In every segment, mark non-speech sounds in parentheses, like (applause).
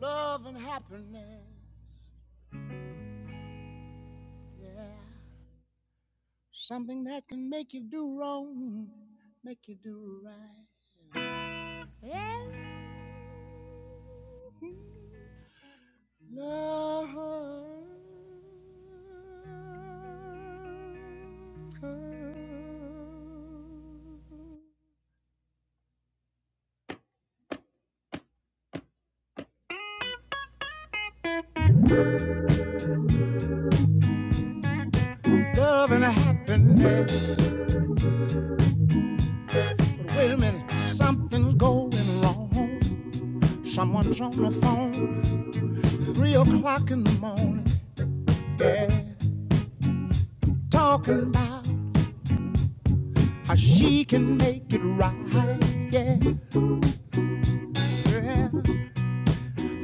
Love and happiness, yeah. Something that can make you do wrong, make you do right. Yeah. Love. Love and happiness. But wait a minute, something's going wrong. Someone's on the phone, three o'clock in the morning. Yeah, talking about how she can make it right. Yeah, Girl,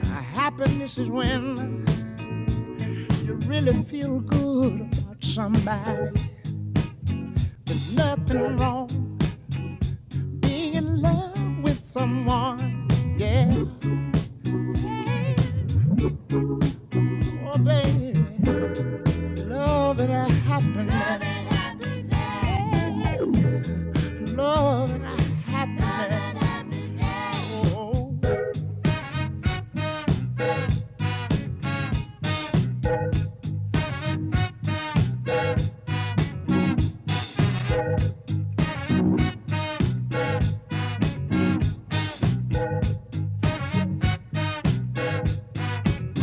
happiness is when you really feel good about somebody. There's nothing wrong being in love with someone. Yeah, oh baby, love and happiness. Love and happiness. Oh,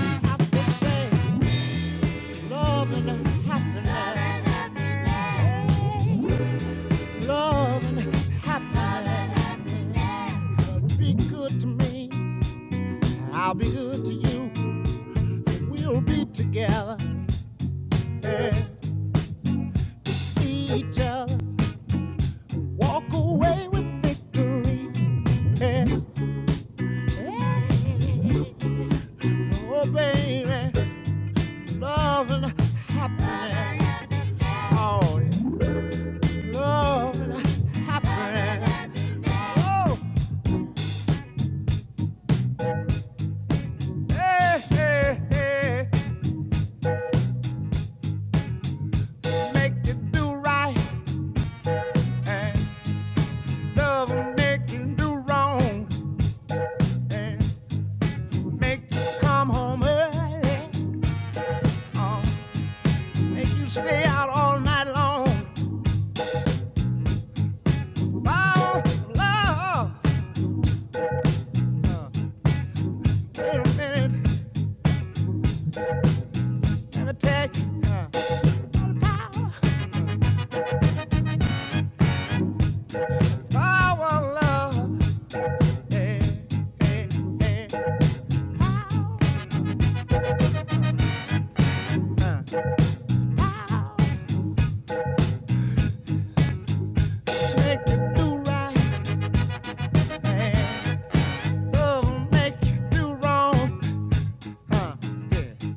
I have to say, love and happiness. Yeah. love and happiness. Be good to me, I'll be good to you. We'll be together and see each other. Walk away with victory. Yeah. Yeah. Oh, baby, love and happiness. Oh, yeah. love and happiness. Oh, hey, hey, hey, make it do right and Love will make you do wrong and make you come home early. Oh, make you stay out all night long. Oh, love. Uh, wait a minute, let me tell you. Uh, power, power, love. Hey, hey, hey, power, uh, power. Make you do right, and love will make you do wrong. Uh, yeah.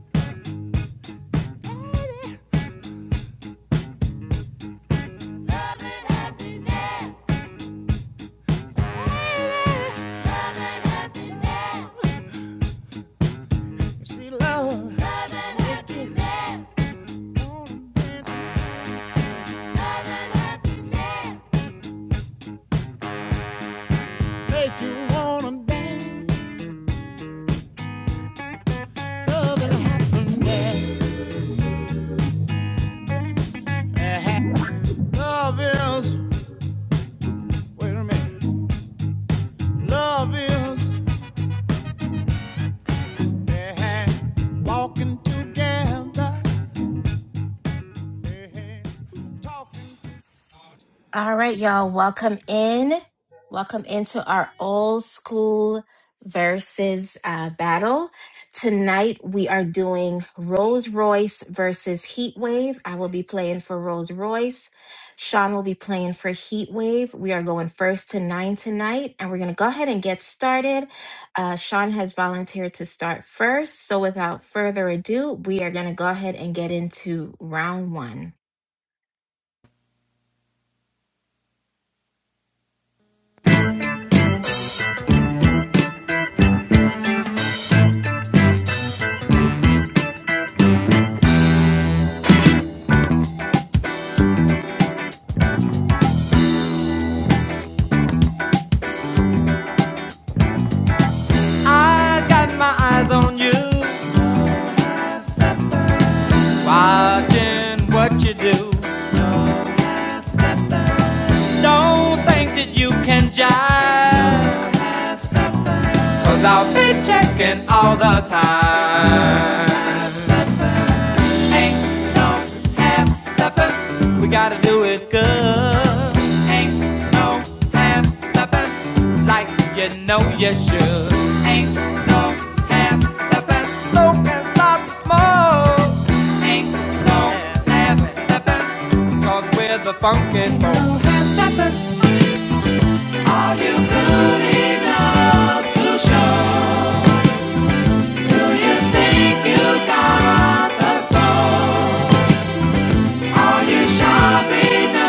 Love and happiness. Love and happiness. See, love, Love and happiness. make you wanna dance. Love and happiness. Uh-huh. Love is, wait a minute. Love is uh-huh, walking together, uh-huh, talking All right, y'all, welcome in. Welcome into our old school versus uh, battle. Tonight we are doing Rolls Royce versus Heat Wave. I will be playing for Rolls Royce. Sean will be playing for Heat Wave. We are going first to nine tonight, and we're going to go ahead and get started. Uh, Sean has volunteered to start first. So without further ado, we are going to go ahead and get into round one. I got my eyes on you. Watching what you do. Don't think that you can jive, i I'll be checking all the time. Ain't no half stepping. We gotta do it good. Ain't no half stepping. Like you know you should. Ain't no half stepping. Slow can start to smoke. Ain't no half stepping. Cause we're the funky folk. No half-stepping, so You shall be.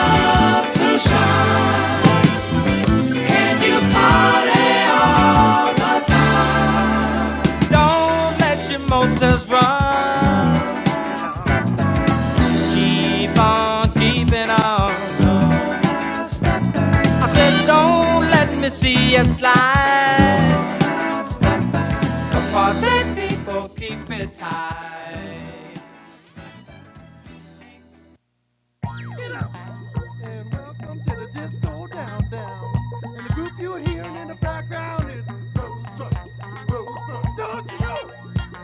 Don't let your motors run. Keep on keeping on. I said, don't let me see you slide. For them people keep it tight. And welcome to the disco down down. And the group you're hearing in the background is Rose Rush, Rose Rush. Don't you know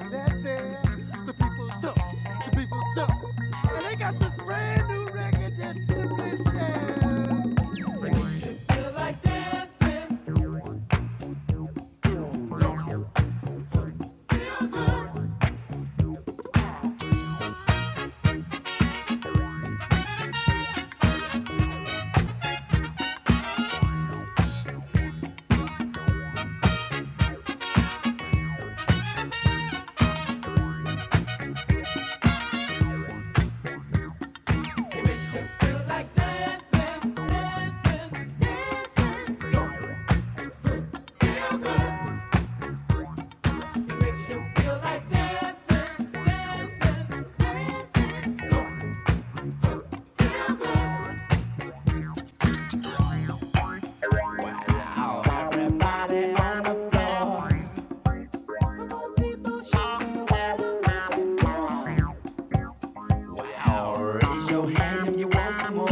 that they're the people's sucks, the people's sucks. And they got this brand new record that simply says like dancing, dancing, dancing. Is Show handsome one?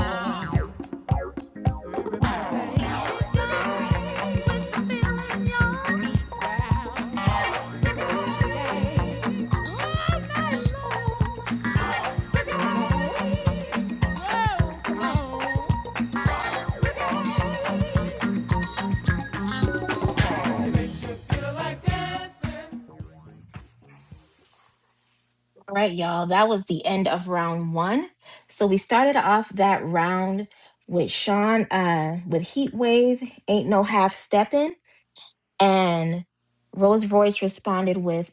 All right, y'all, that was the end of round one. So we started off that round with Sean uh, with Heat Wave, Ain't No Half Steppin'. And Rose Royce responded with,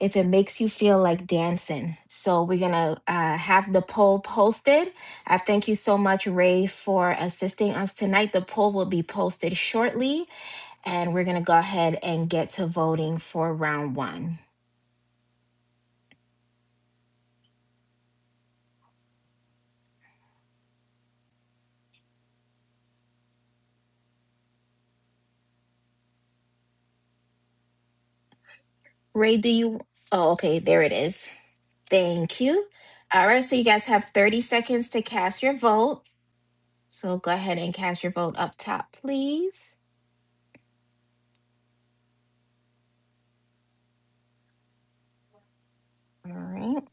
If It Makes You Feel Like Dancing. So we're going to uh, have the poll posted. I thank you so much, Ray, for assisting us tonight. The poll will be posted shortly, and we're going to go ahead and get to voting for round one. Ray, do you? Oh, okay, there it is. Thank you. All right, so you guys have 30 seconds to cast your vote. So go ahead and cast your vote up top, please. All right.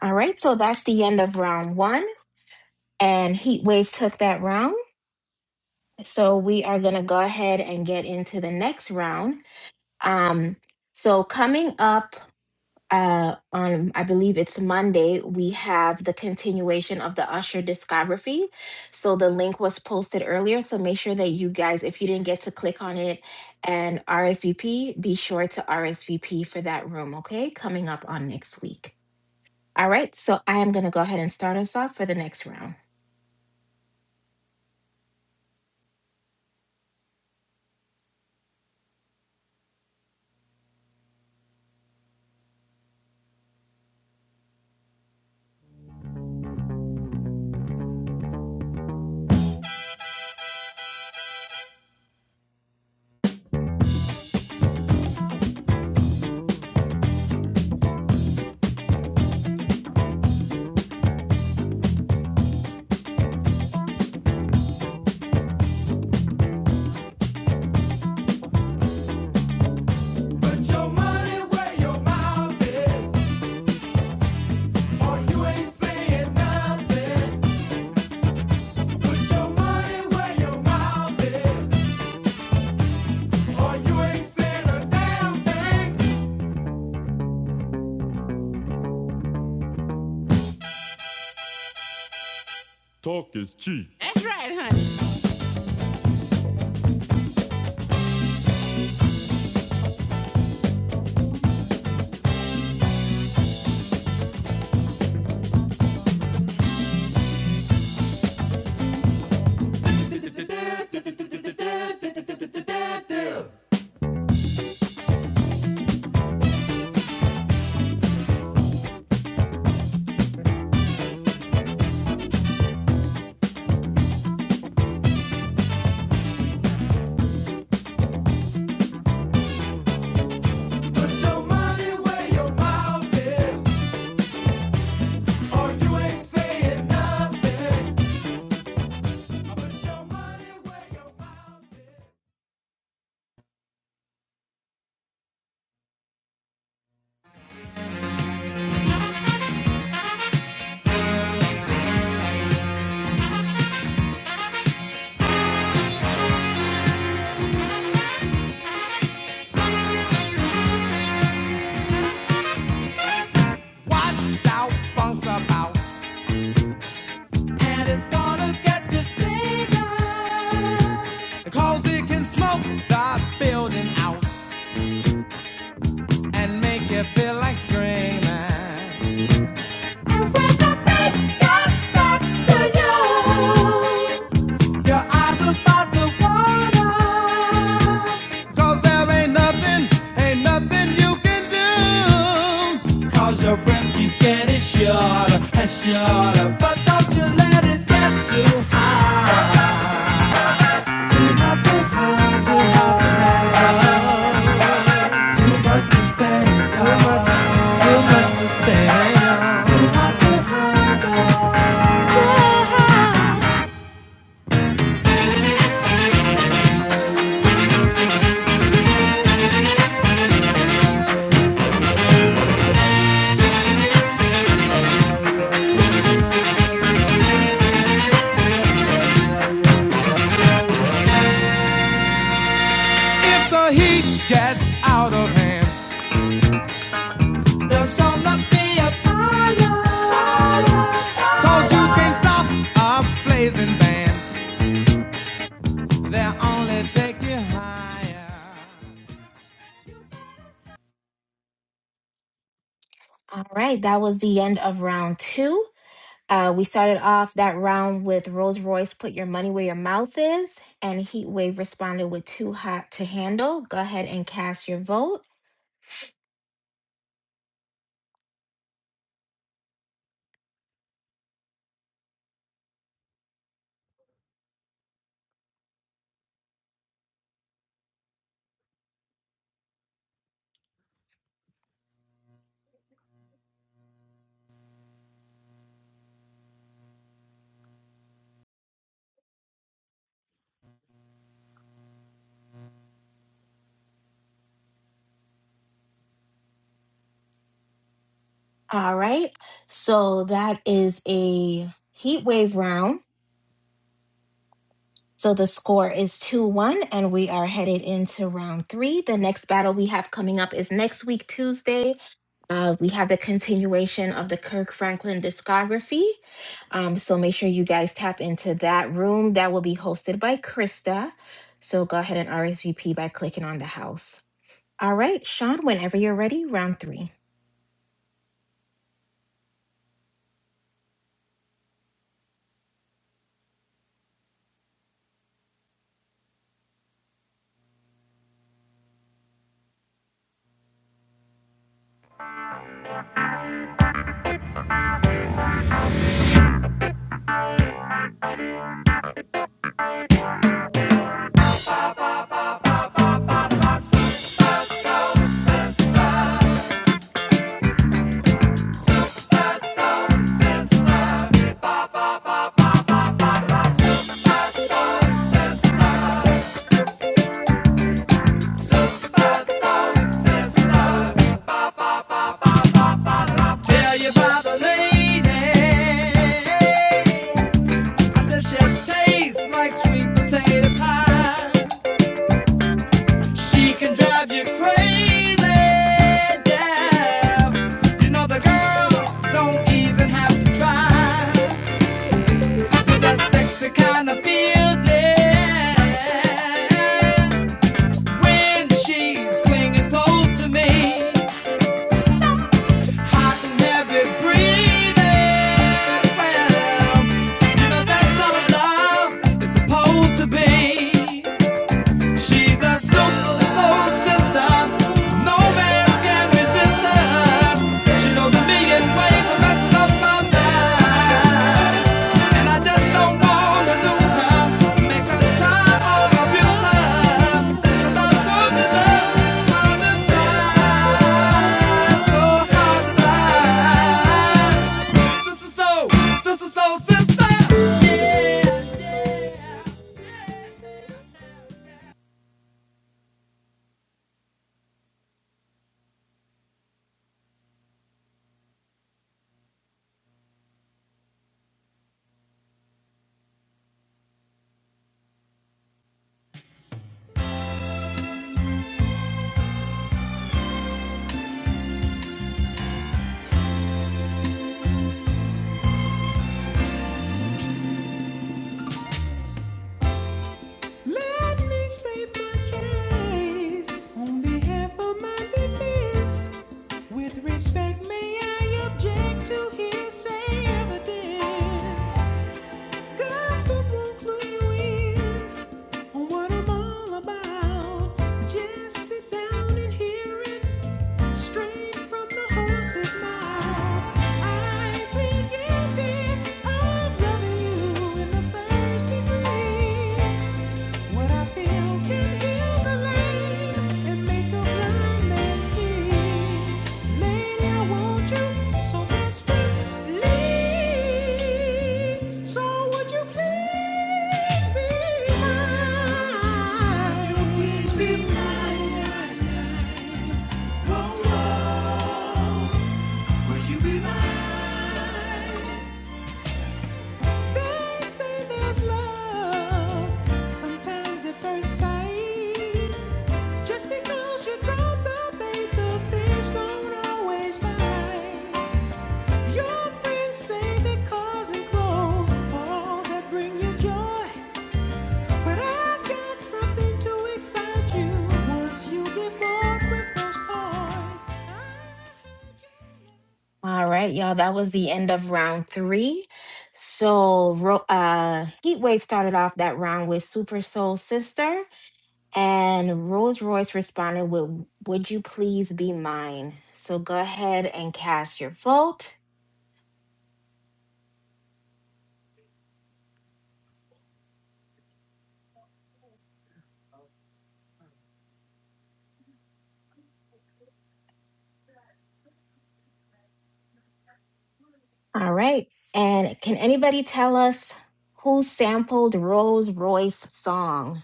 All right, so that's the end of round one, and Heatwave took that round. So we are going to go ahead and get into the next round. Um, so coming up uh, on I believe it's Monday, we have the continuation of the Usher discography. So the link was posted earlier. So make sure that you guys, if you didn't get to click on it and RSVP, be sure to RSVP for that room, okay? Coming up on next week. All right, so I am going to go ahead and start us off for the next round. Put your money where your mouth is, or you ain't saying nothing. Put your money where your mouth is, or you ain't saying a damn thing. Put your money where your mouth is, or you ain't saying nothing. Watch out, funk's about. And it's gonna get you stayed out, Cause it can smoke the building out and make you feel like screaming. And when the big dog talks to you, your eyes will start to water. 'Cause there ain't nothing, ain't nothing you can do. 'Cause your breath keeps getting shorter and shorter. But don't you let it get too high. Too high, too high, too high. Too much to stay, too much, too much to stay. Too high, too high, too high. If the heat gets out of hand, there's will not be a fire. fire, Cause you can't stop a blazing band. They'll only take you higher. All right, that was the end of round two. Uh, we started off that round with Rolls Royce, Put Your Money Where Your Mouth Is, and Heat Wave responded with Too Hot to Handle. Go ahead and cast your vote. All right. So that is a Heat Wave round. So the score is 2 1, and we are headed into round three. The next battle we have coming up is next week, Tuesday. Uh, we have the continuation of the Kirk Franklin discography. Um, so make sure you guys tap into that room. That will be hosted by Krista. So go ahead and RSVP by clicking on the house. All right, Sean, whenever you're ready, round three. The Super Soul Sister. My Super Soul Sister. Super Soul Sister. Tell you about the lady. I said she tastes like sweet potato pie. She can drive you crazy. Yeah. You know the girl don't even have to try. That sexy kind of feeling when she's clinging close to me. I can have you breathing. Well, you know that's all love is supposed to be. She's a soul, sister. No man can resist her. She knows a million ways of messing up my mind. And I just don't wanna lose her. Make her sign or abuse her. 'Cause I still deserve this kind of time. So hard to find. Sister soul, sister soul, sister. Yeah. Let me state my case on behalf of my defense. With respect, may I object to hearsay evidence? Gossip won't clue you in on what I'm all about. Just sit down and hear it. Straight from the horse's mouth, I plead guilty of loving you in the first degree. What I feel can heal the lame and make a blind man see. Lady, I want you, so that's with So would you please be mine? Would you please be mine? Oh, no, would you be mine? They say there's love sometimes at first sight. Just because you drop the bait, the fish don't always bite. Your friends say that cars and clothes are all that bring you joy. But I've got something to excite you once you get bored with those toys. I heard you. All right, y'all, that was the end of round three. So, Ro- uh, Heatwave started off that round with Super Soul Sister, and Rolls Royce responded with Would You Please Be Mine? So, go ahead and cast your vote. All right. And can anybody tell us who sampled Rolls Royce song?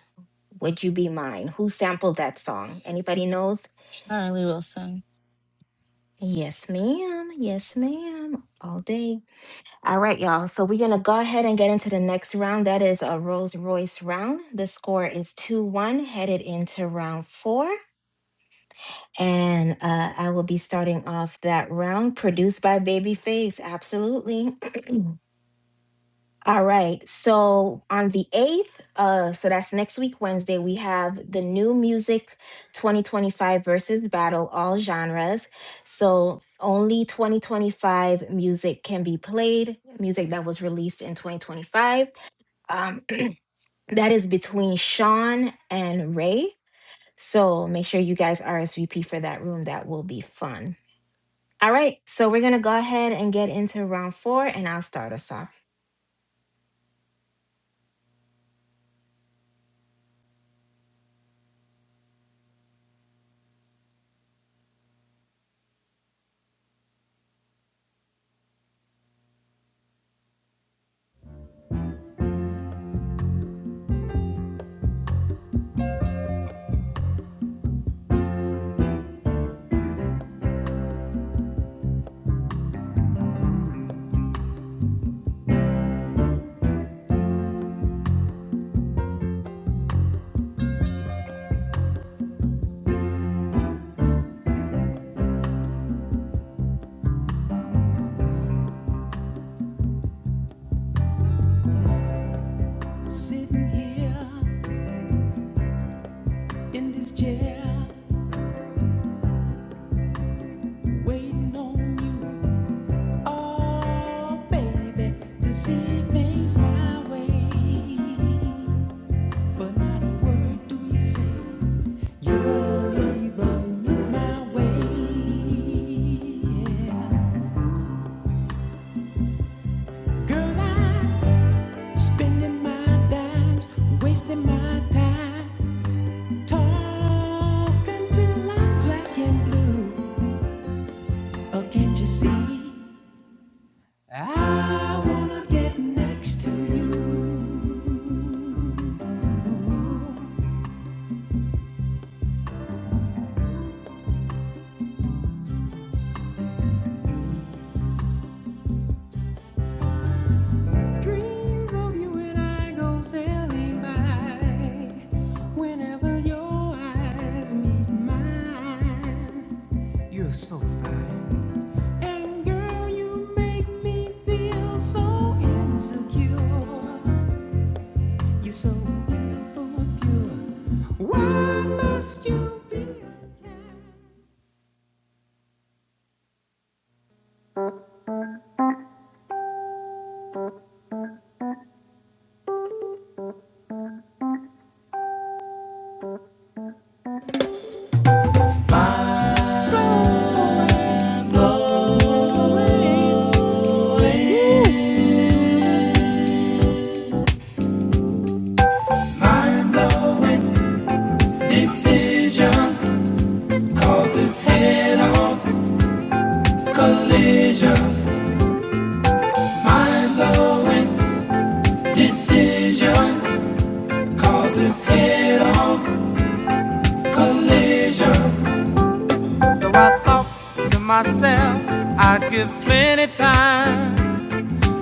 Would you be mine? Who sampled that song? Anybody knows? Charlie Wilson. Yes, ma'am. Yes, ma'am. All day. All right, y'all. So we're going to go ahead and get into the next round. That is a Rolls Royce round. The score is 2 1, headed into round four. And uh, I will be starting off that round produced by Babyface. Absolutely. (clears throat) All right. So on the 8th, uh, so that's next week, Wednesday, we have the new music 2025 versus battle, all genres. So only 2025 music can be played, music that was released in 2025. Um, (clears throat) that is between Sean and Ray. So make sure you guys RSVP for that room. That will be fun. All right. So we're going to go ahead and get into round four, and I'll start us off. Sitting here in this chair, waiting on you. Oh, baby, to see it makes my way. But not a word do you say. You're leaving my way. Yeah. Girl, I'm spending my dimes, wasting my time, talking till I'm black and blue. Oh, can't you see? I wanna get next to you. Dreams of you and I go sailing by. Whenever your eyes meet mine, you're so fine. And girl, you make me feel so insecure. You're so beautiful, pure. Why must you be? a cat? Soul. Mind Mind blowing blowing decisions decisions causes causes head head on on collision. Mind-blowing decisions causes head-on collision. So I thought to myself, I'd give plenty time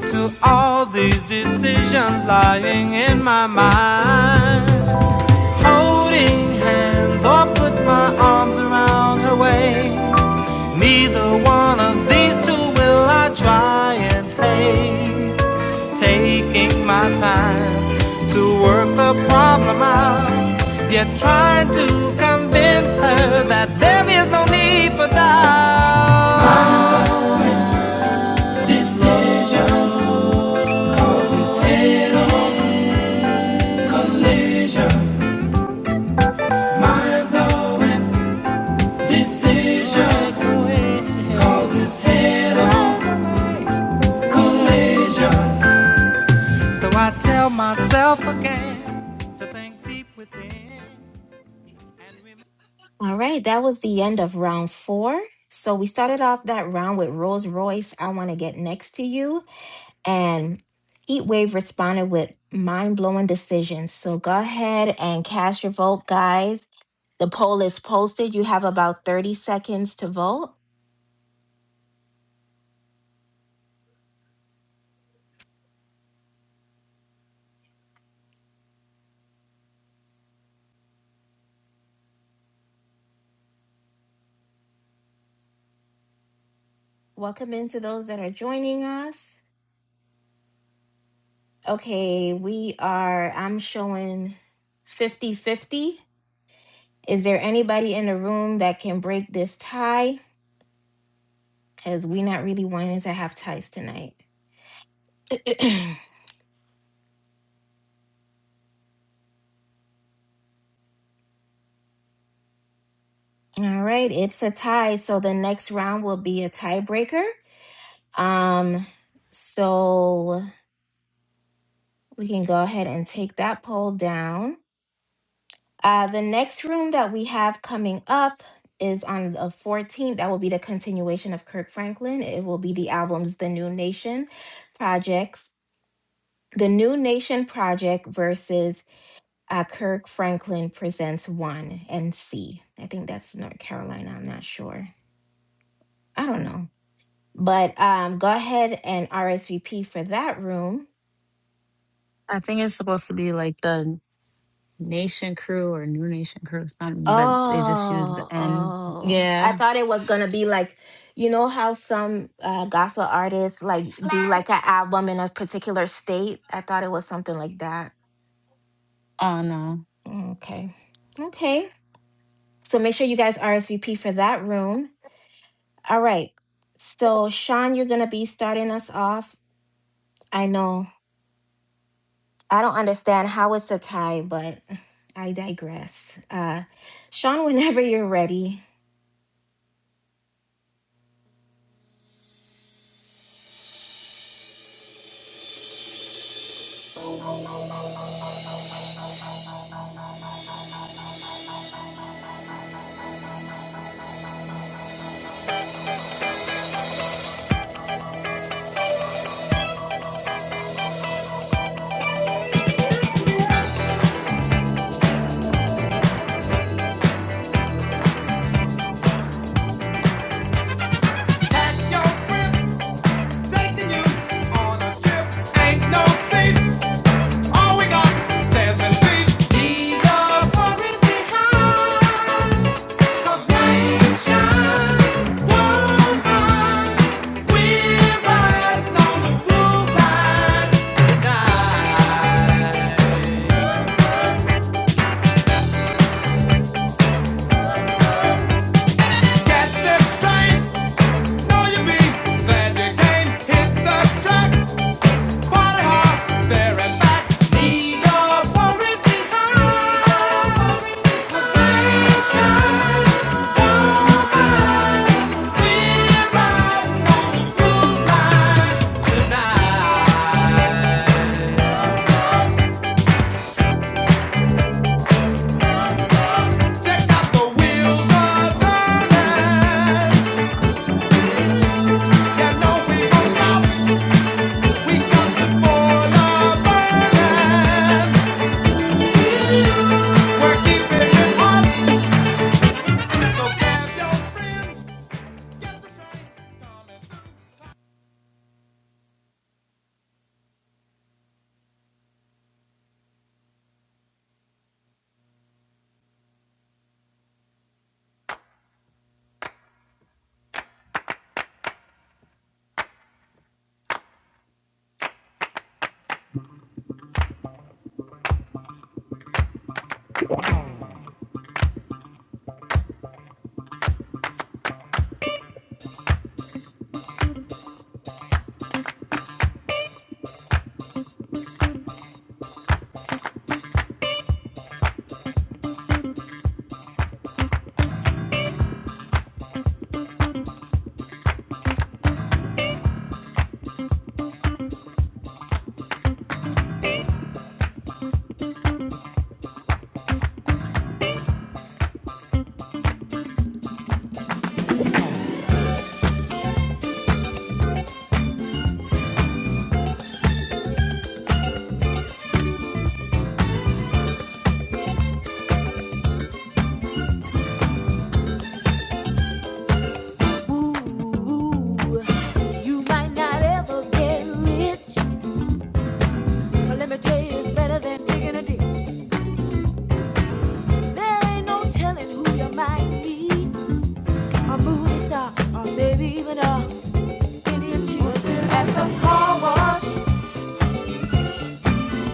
to all these decisions lying in my mind. Holding hands or put my arms around her waist. Neither one of these two will I try and haste. Taking my time to work the problem out. Yet trying to convince her that there is no need for doubt. My decision, decision, decision causes head on collision. So I tell myself again to think deep within and remember. All right, that was the end of round four. So we started off that round with Rolls Royce, I Want to Get Next to You. And Heatwave responded with mind blowing decisions. So go ahead and cast your vote, guys. The poll is posted. You have about 30 seconds to vote. Welcome into those that are joining us. Okay, we are, I'm showing fifty-fifty. Is there anybody in the room that can break this tie? because we not really wanting to have ties tonight. (clears throat) All right, it's a tie. So the next round will be a tiebreaker. Um, so we can go ahead and take that poll down. Uh, the next room that we have coming up is on the 14th. That will be the continuation of Kirk Franklin. It will be the albums The New Nation Projects, The New Nation Project versus uh, Kirk Franklin Presents One and C. I think that's North Carolina. I'm not sure. I don't know. But um, go ahead and RSVP for that room. I think it's supposed to be like the Nation Crew or New Nation Crew or something, but they just use the Oh, N. oh. I Yeah. thought it was going to be like, you know how some uh, gospel artists like do like an album in a particular state? I thought it was something like that. Oh no. Okay. Okay. So make sure you guys RSVP for that room. All right. So, Sean, you're going to be starting us off I know. I don't understand how it's a tie, but I digress. Uh, Sean, whenever you're ready. Get this straight, know you be glad you can hit the track. We're keeping it hot, so grab your friends. Ooh, you might not ever get rich. But let me tell you, it's better than digging a ditch. There ain't no telling who you might meet. A movie star, or maybe even a Indian chief. Working at the car wash.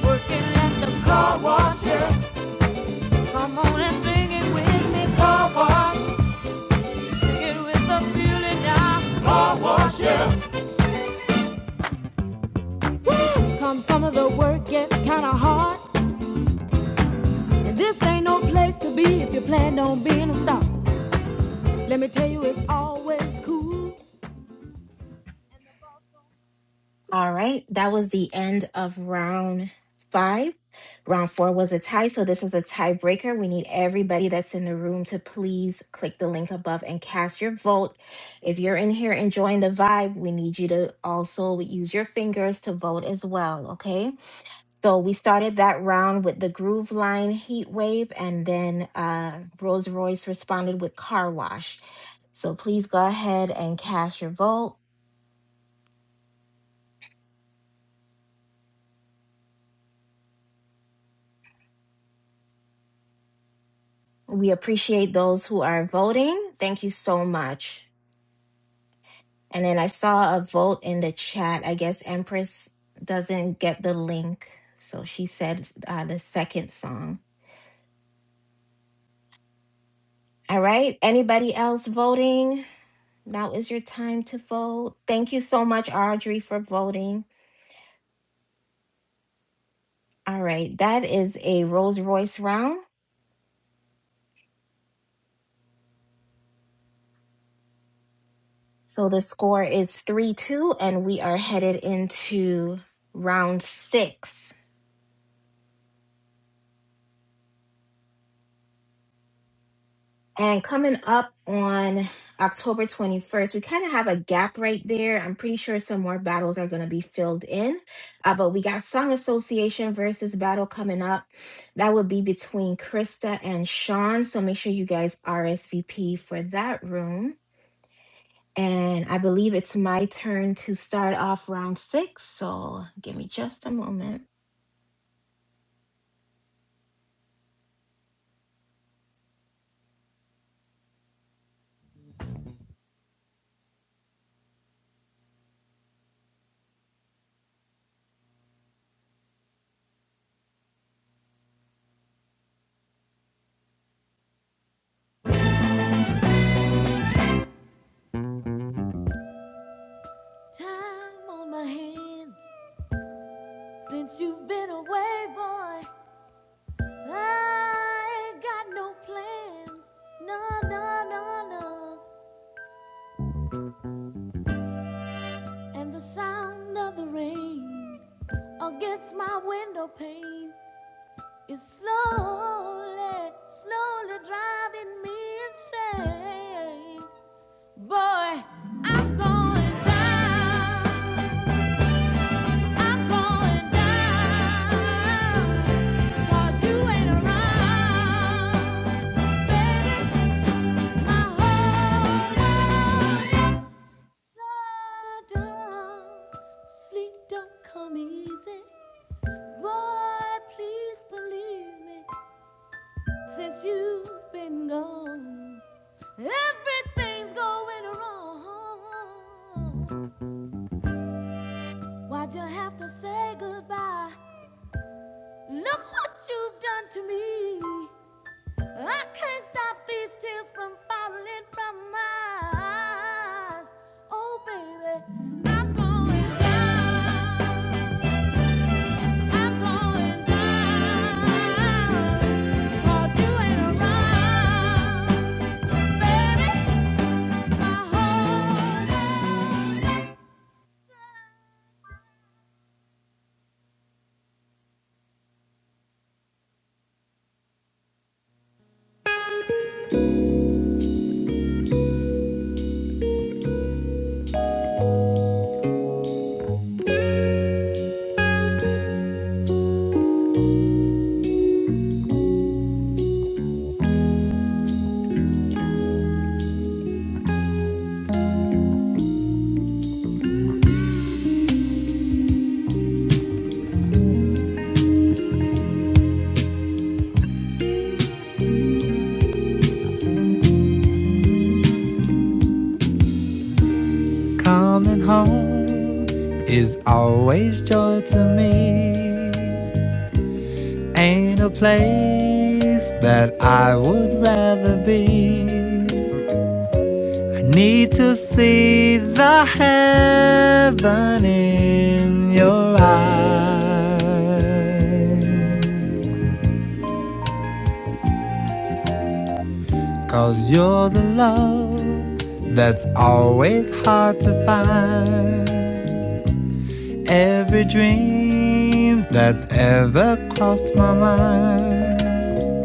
Working at the car wash, yeah. Come on and sing it with me. Car wash. Sing it with the feeling now. Car wash, yeah. Woo! Come some of the work gets kinda hard. And this ain't no place to be if you plan on being a star. Let me tell you, it's always cool. All right. That was the end of round five. Round four was a tie. So this is a tiebreaker. We need everybody that's in the room to please click the link above and cast your vote. If you're in here enjoying the vibe, we need you to also use your fingers to vote as well. Okay. So we started that round with the Groove Line Heat Wave, and then uh, Rolls Royce responded with Car Wash. So please go ahead and cast your vote. We appreciate those who are voting. Thank you so much. And then I saw a vote in the chat. I guess Empress doesn't get the link. So she said uh, the second song. All right. Anybody else voting? Now is your time to vote. Thank you so much, Audrey, for voting. All right, that is a Rolls Royce round. So the score is 3 2, and we are headed into round six. And coming up on October 21st, we kind of have a gap right there. I'm pretty sure some more battles are going to be filled in. Uh, but we got Song Association versus battle coming up. That would be between Krista and Sean. So make sure you guys RSVP for that room. And I believe it's my turn to start off round six. So give me just a moment. Time on my hands. Since you've been away, boy, I ain't got no plans. No, no, no, no. And the sound of the rain against my window pane is slowly, slowly driving me insane. Boy, I'm going down. I'm going down. 'Cause you ain't around, baby. Sleep don't come easy, boy. Please believe me. Since you've been gone, everything's going wrong. Why'd you have to say goodbye? Look what you've done to me. I can't stop these tears from falling from my eyes. Oh, baby, I'm going down. I'm going down. 'Cause you ain't around, baby. My whole world's Coming home is always joy to me. Ain't a place that I would rather be. I need to see the heaven in your eyes, you you're the love that's always hard to find. Every dream that's ever crossed my mind.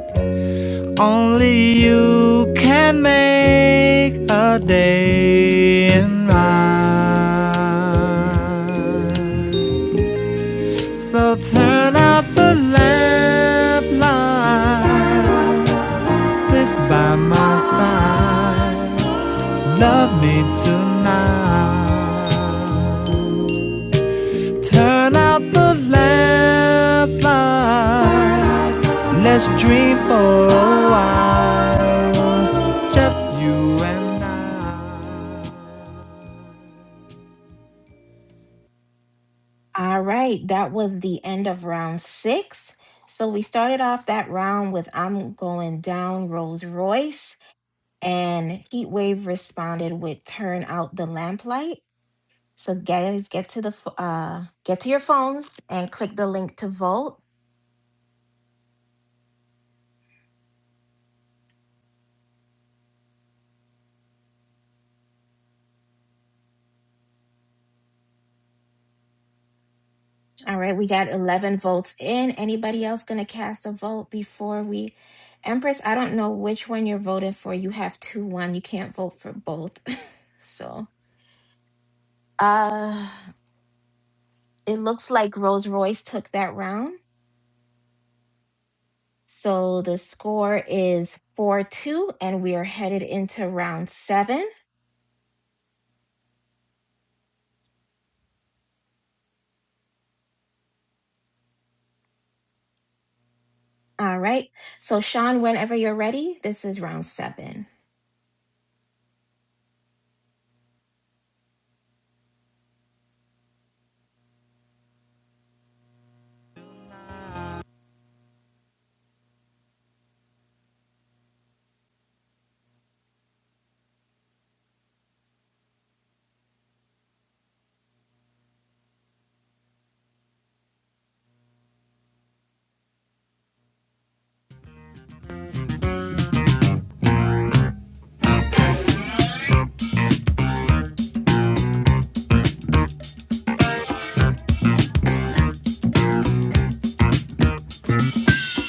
Only you can make a day in mine. So turn out the lamp light. Sit by my side. Love me tonight. Turn out the lamp light. Let's dream for a while. Just you and I. All right, that was the end of round six. So we started off that round with I'm going down Rolls Royce, and Heatwave responded with turn out the lamplight. So guys, get to the ph- uh, get to your phones and click the link to vote. All right, we got 11 votes in. Anybody else going to cast a vote before we? Empress, I don't know which one you're voting for. You have two, one. You can't vote for both. (laughs) So, uh, it looks like Rolls Royce took that round. So the score is 4 2, and we are headed into round seven. All right. So, Sean, whenever you're ready, this is round seven.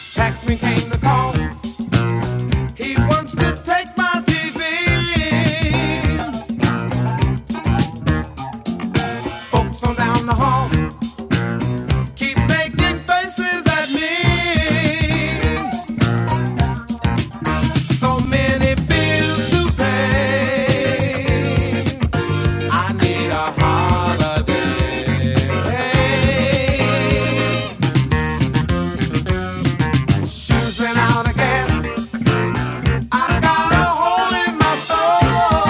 Taxman came to call. He wants to take my TV. Folks on down the hall keep making faces at me. So many bills to pay. I need a holiday. Hey, Shoes ran out of gas. I got a hole in my soul.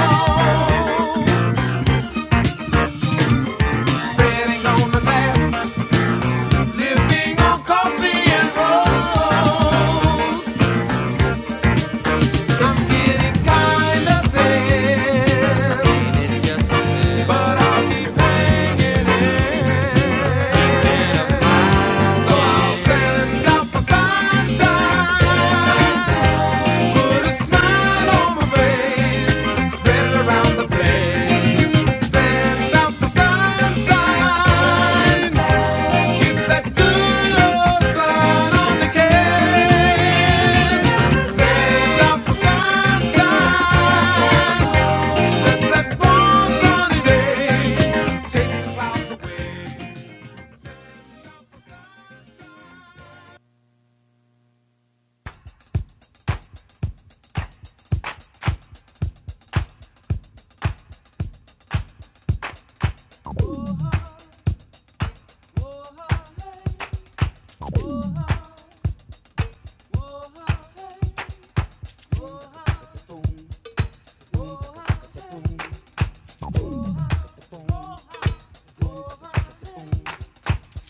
Bread on the to last. Living on coffee and rolls. I'm getting kind of there. Got my sunshine. Put a smile on my face. Spread it around the place. Send out the sunshine, that good old sun on the case.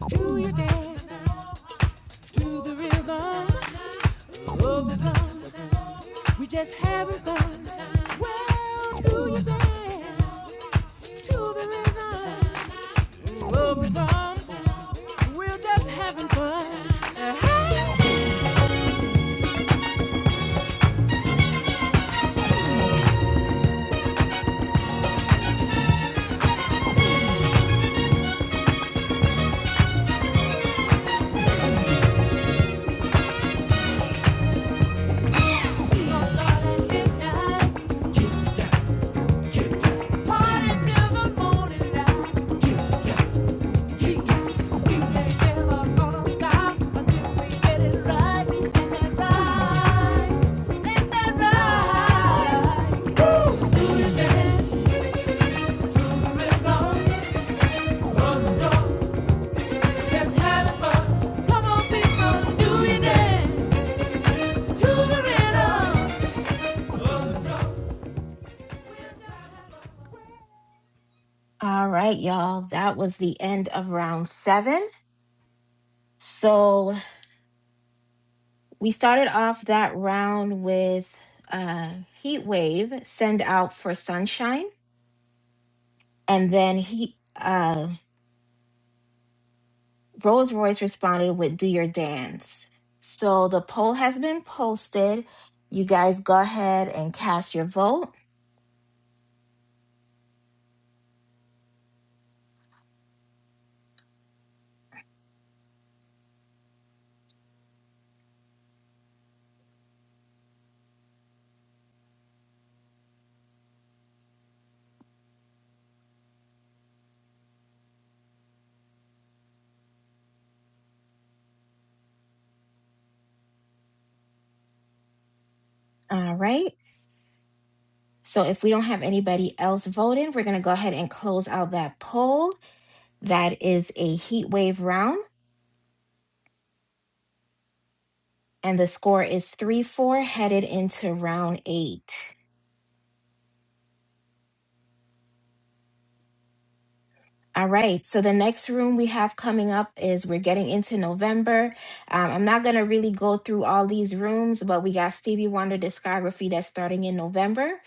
do you dance to the rhythm of the drum? We just having fun. Well, do you dance to the rhythm? We'll be fun. We're just having fun. Having fun. Starting midnight. Get down, get down. Party till the morning light. See, we ain't never gonna stop until we get it right. And that right, and that right. Do you dance? Ooh, All right, y'all. That was the end of round seven. So, we started off that round with uh heat wave send out for sunshine and then he uh rolls royce responded with do your dance so the poll has been posted you guys go ahead and cast your vote all right so if we don't have anybody else voting we're going to go ahead and close out that poll that is a heat wave round and the score is 3-4 headed into round 8 All right. So the next room we have coming up is we're getting into November. Um, I'm not going to really go through all these rooms, but we got Stevie Wonder discography that's starting in November.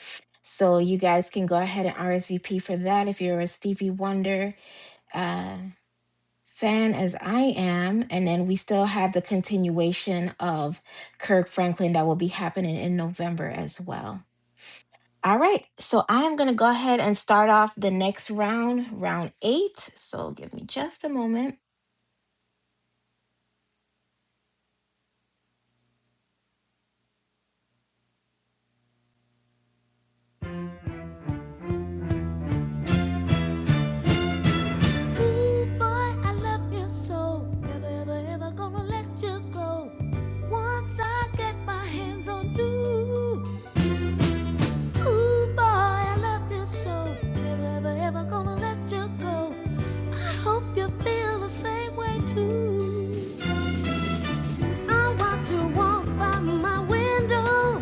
So you guys can go ahead and RSVP for that if you're a Stevie Wonder uh, fan, as I am. And then we still have the continuation of Kirk Franklin that will be happening in November as well. All right, so I am going to go ahead and start off the next round, round eight. So give me just a moment. boy, I love you so. Never, ever, ever gonna let you go. Once I get my hands on you. Ooh, boy, I love you so. Never, ever, ever gonna let you go. I hope you feel the same way too. I watch you walk by my window.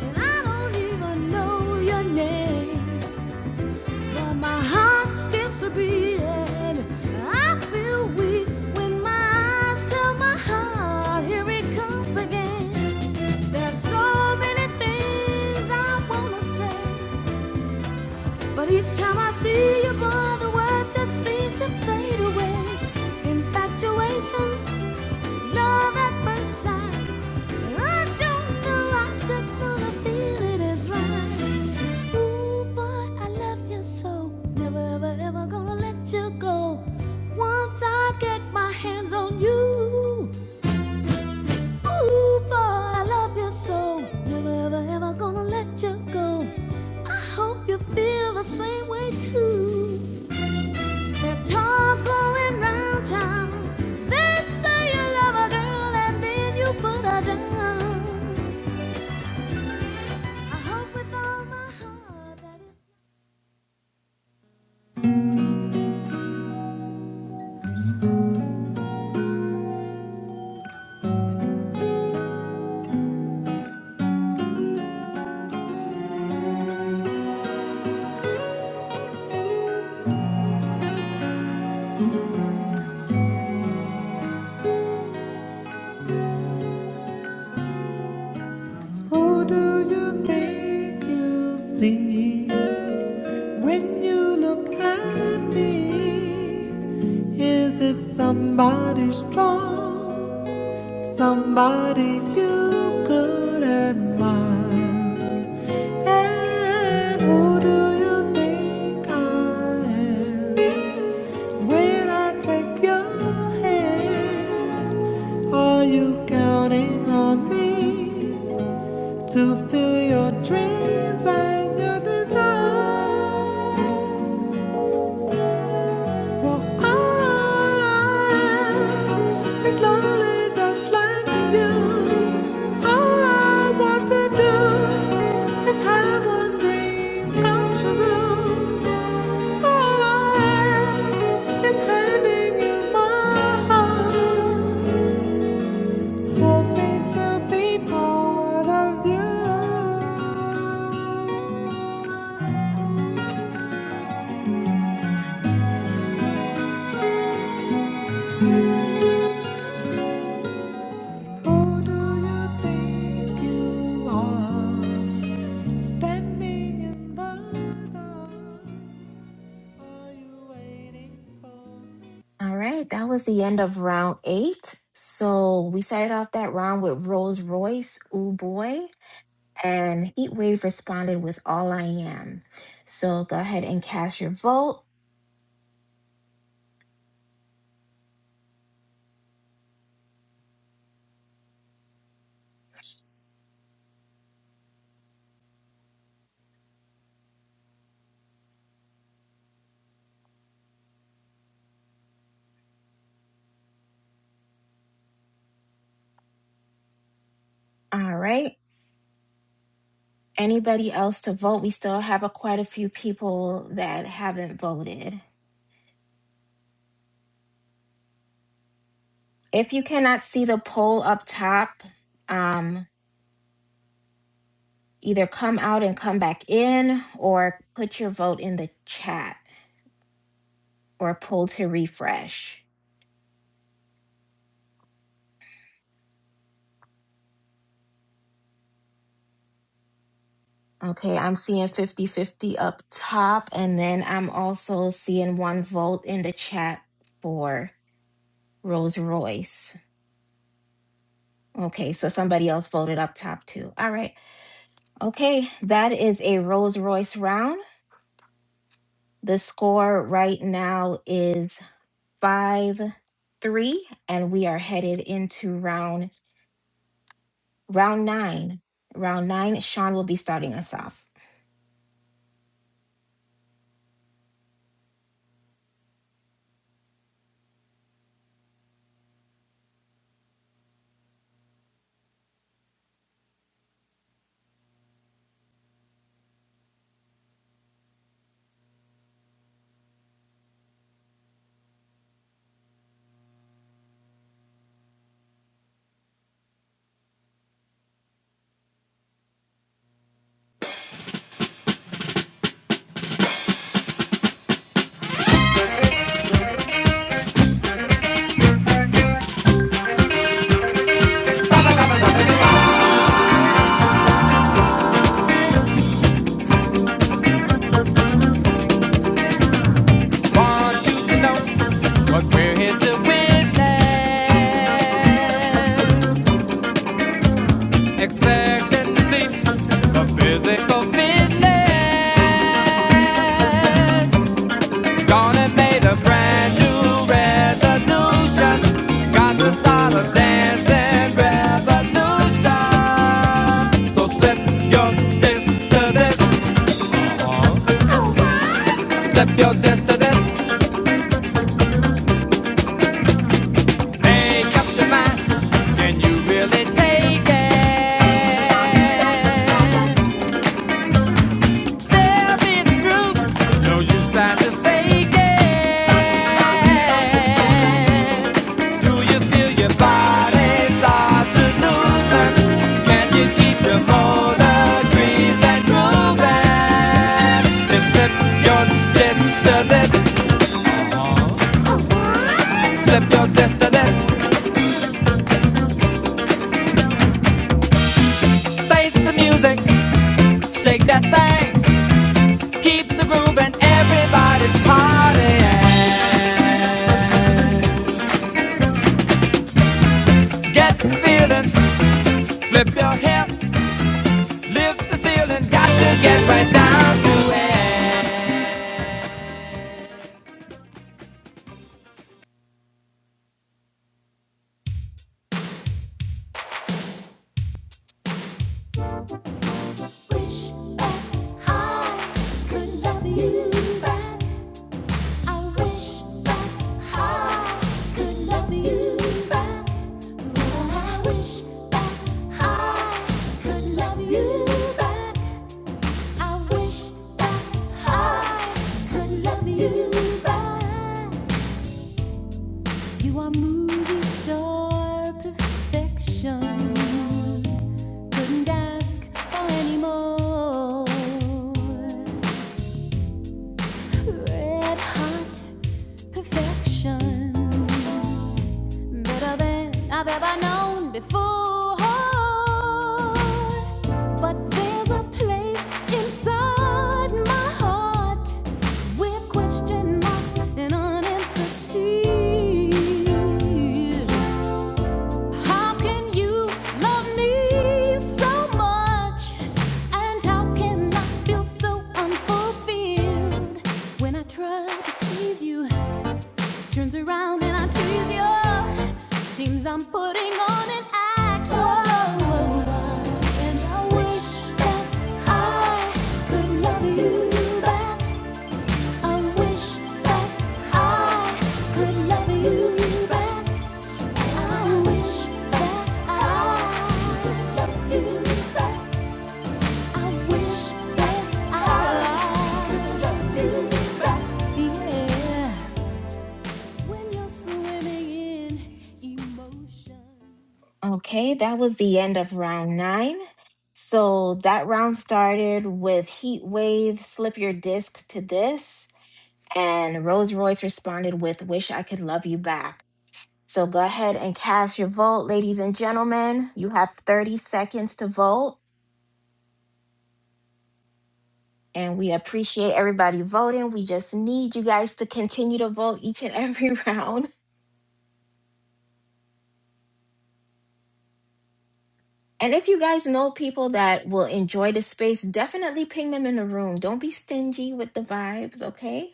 And I don't even know your name, but my heart skips a beat. And I feel weak when my eyes tell my heart, here it comes again. There's so many things I wanna say, but each time I see you, boy, the words just seem to fade away. Infatuation, love at first sight. I don't know, I just know the feeling is right. Ooh, boy, I love you so. Never, ever, ever gonna let you go. Once I get my hands on you. Ooh, boy, I love you so. Never, ever, ever gonna let you go. I hope you feel the same way too. There's talk going round town. They say you love a girl and then you put her down. I hope with all my heart that it's Who do you think you see when you look at me? Is it somebody strong? Somebody you could admire. And who do you think I am? When I take your hand, are you counting on me to fill your dreams and your desires? Well, I is lonely just like you. All I want to do is have one dream come true. All I am is having you my heart, hoping to be part of you. Who do you think you are? Standing in the dark, are you waiting for? All right, that was the end of round eight. So we started off that round with Rolls Royce, Ooh Boy, and Heatwave responded with All I Am. So go ahead and cast your vote. All right, anybody else to vote? We still have a, quite a few people that haven't voted. If you cannot see the poll up top, um. either come out and come back in or put your vote in the chat or pull to refresh. Okay, I'm seeing fifty-fifty up top, and then I'm also seeing one vote in the chat for Rolls Royce. Okay, so somebody else voted up top too. All right, okay, that is a Rolls Royce round. The score right now is 5 3, and we are headed into round Round nine. Round nine, Sean will be starting us off. Want you to know you're here to witness. Expecting to see physical fitness. I'm Gonna make a brand new resolution. Got to start a dancing revolution. So slip your dance to this, slip your dance to this. Make up your mind. Can you really take it? Tell me the truth. No use trying to fake it. Do you feel your body start to loosen? Can you keep your motor greased and grooving? Then slip your wrist to this, slip your wrist to this. Face the music, shake that thing. Keep the groove and everybody's partying. Get the feeling, flip your hip, lift the ceiling. Got to get right down to it. Wish that I could love you back. I wish that I could love you back. I wish that I could love you back. I wish that I could love you back. You are movie star perfection. Couldn't ask for any more. Red hot perfection. Better than I've ever known before. But there's a place inside my heart with question marks and unanswered tears. How can you love me so much? And how can I feel so unfulfilled when I try to please you? Turns around and I tease you. Seems I'm putting on an act. Whoa, whoa, whoa. and I wish that I could love you back. I wish that I could love you back. I wish that I. Okay, that was the end of round nine. So that round started with Heat Wave, Slip Your Disc to This, and Rolls Royce responded with Wish I Could Love You Back. So go ahead and cast your vote, ladies and gentlemen. You have 30 seconds to vote, and we appreciate everybody voting. We just need you guys to continue to vote each and every (laughs) round. And if you guys know people that will enjoy the space, definitely ping them in the room. Don't be stingy with the vibes, okay?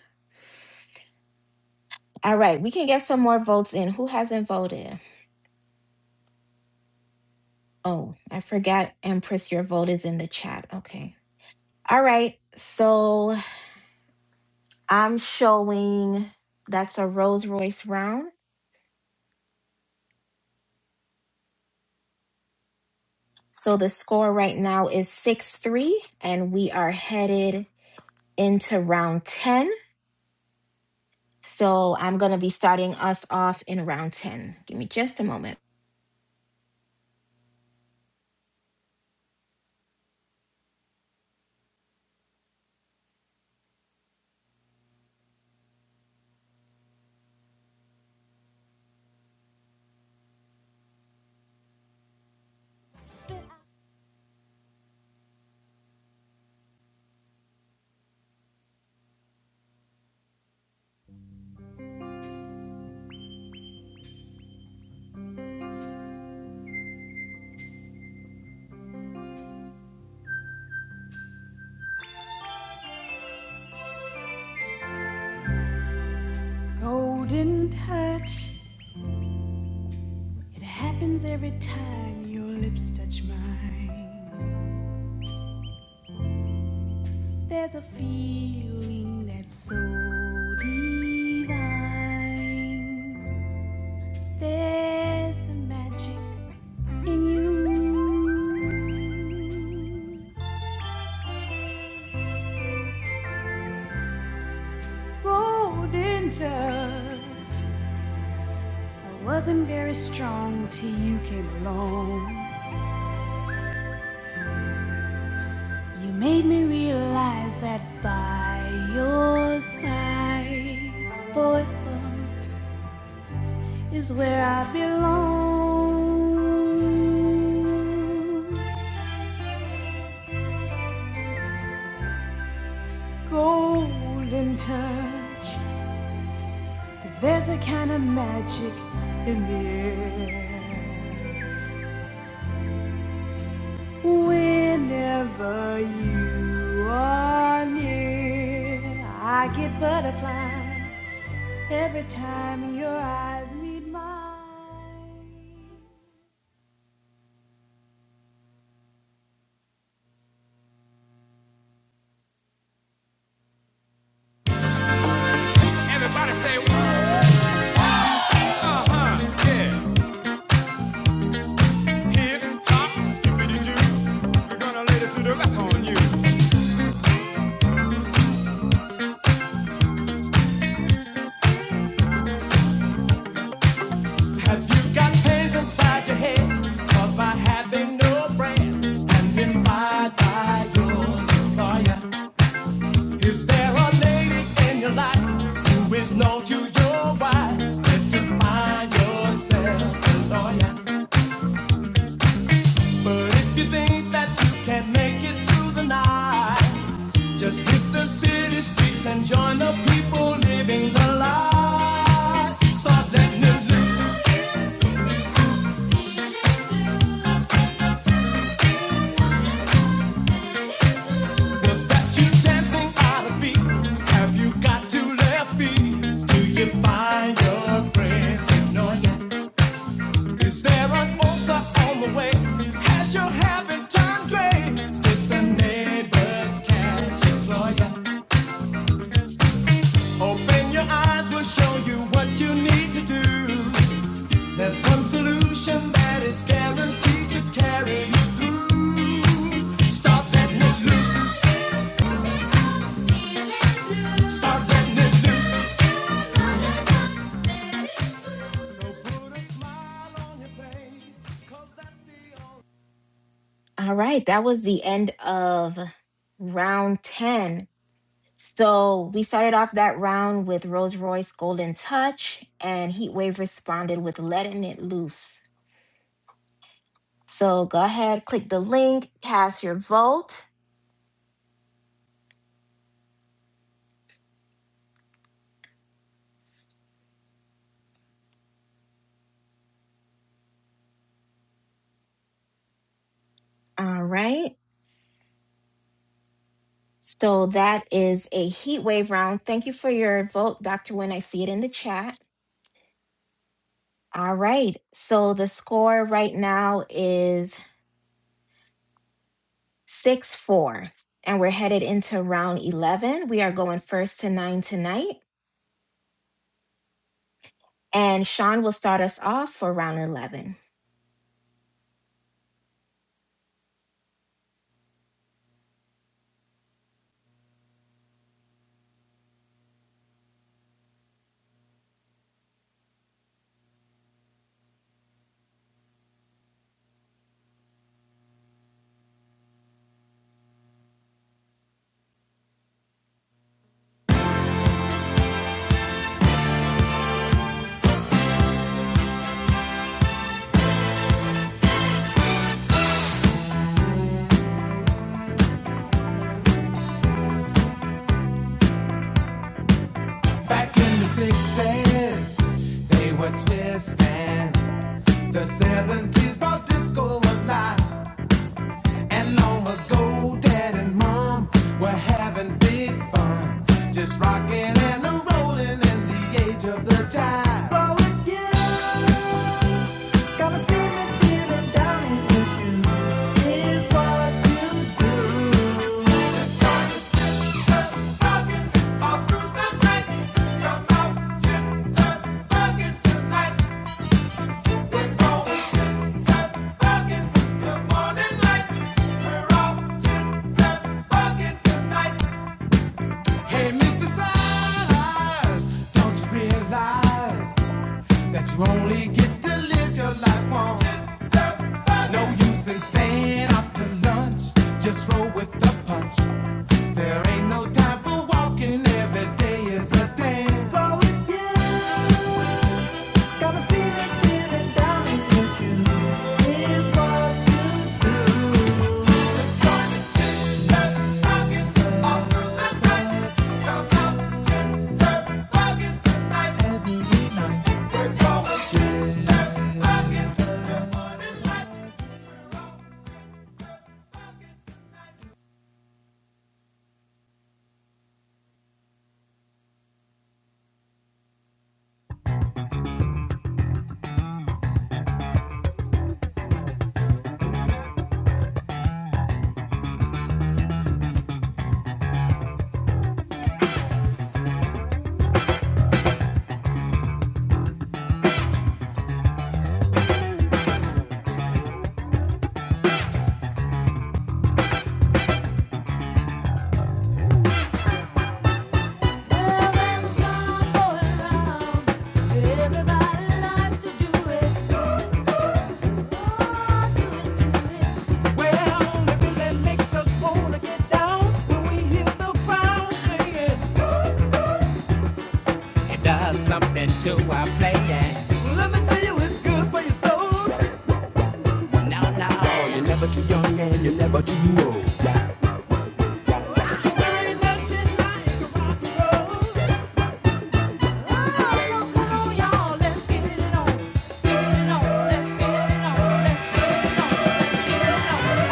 All right, we can get some more votes in. Who hasn't voted? Oh, I forgot, Empress, your vote is in the chat. Okay. All right, so I'm showing that's a Rolls Royce round. So the score right now is 6 3, and we are headed into round 10. So I'm going to be starting us off in round 10. Give me just a moment. Golden touch, it happens every time your lips touch mine. There's a feeling that's so divine. There's a magic in you. Golden touch, I wasn't very strong till you came along. You made me realize that by your side, forever. is where I belong. Golden touch, there's a kind of magic in the air. Whenever you are near, I get butterflies every time your eyes meet mine. Everybody say, huh, yeah. Hip hop, skippity doo. We're gonna lay this to the rap on you. Have you got pains inside your head? Caused by having no brain and been fired by your employer. Is there a lady in your life who is known to your wife? Then to find yourself lawyer. But if you think that you can not make it through the night, just hit the city streets and join the people living the light. Start letting it loose. Was that you dancing out of beat. Have you got to left feet? Do you find your friends ignore you? Is there an ulcer on the way? Has your habit turned gray? Did the neighbor's cat destroy you? Open your eyes, we'll show you what you need to do. There's one solution that is guaranteed to carry you through. Stop it All right, that was the end of round 10. So we started off that round with Rolls Royce Golden Touch, and Heatwave responded with Letting It Loose. So go ahead, click the link, cast your vote. All right. So that is a Heatwave round. Thank you for your vote, Dr. Wynn. I see it in the chat. All right. So the score right now is 6 4, and we're headed into round 11. We are going first to nine tonight, and Sean will start us off for round 11. back in the 60s. They were twisting. The 70s brought disco alive. And long ago, Dad and Mom were having big fun, just rocking and a rolling in the age of the jive. So got a steaming feeling down in your shoe is what. Rocking through the night, come out, chugging tonight, don't knock Hey, Mr. Size, don't you realize that you only get to live your life once? Just no use in staying up to lunch. Just roll with the punch. There ain't no time for walking, every day is a dance. So if you got a steaming feeling down in your shoes, here's what you do. Walk it Love and song for love. everybody likes to do it. Well, it really makes us wanna get down when we hear the crowd singing. Let me tell you, it's good for your soul. There ain't nothing like rock and roll. Oh, so come on, y'all, let's get it on, get it on, let's get it on, let's get it on, let's get it on.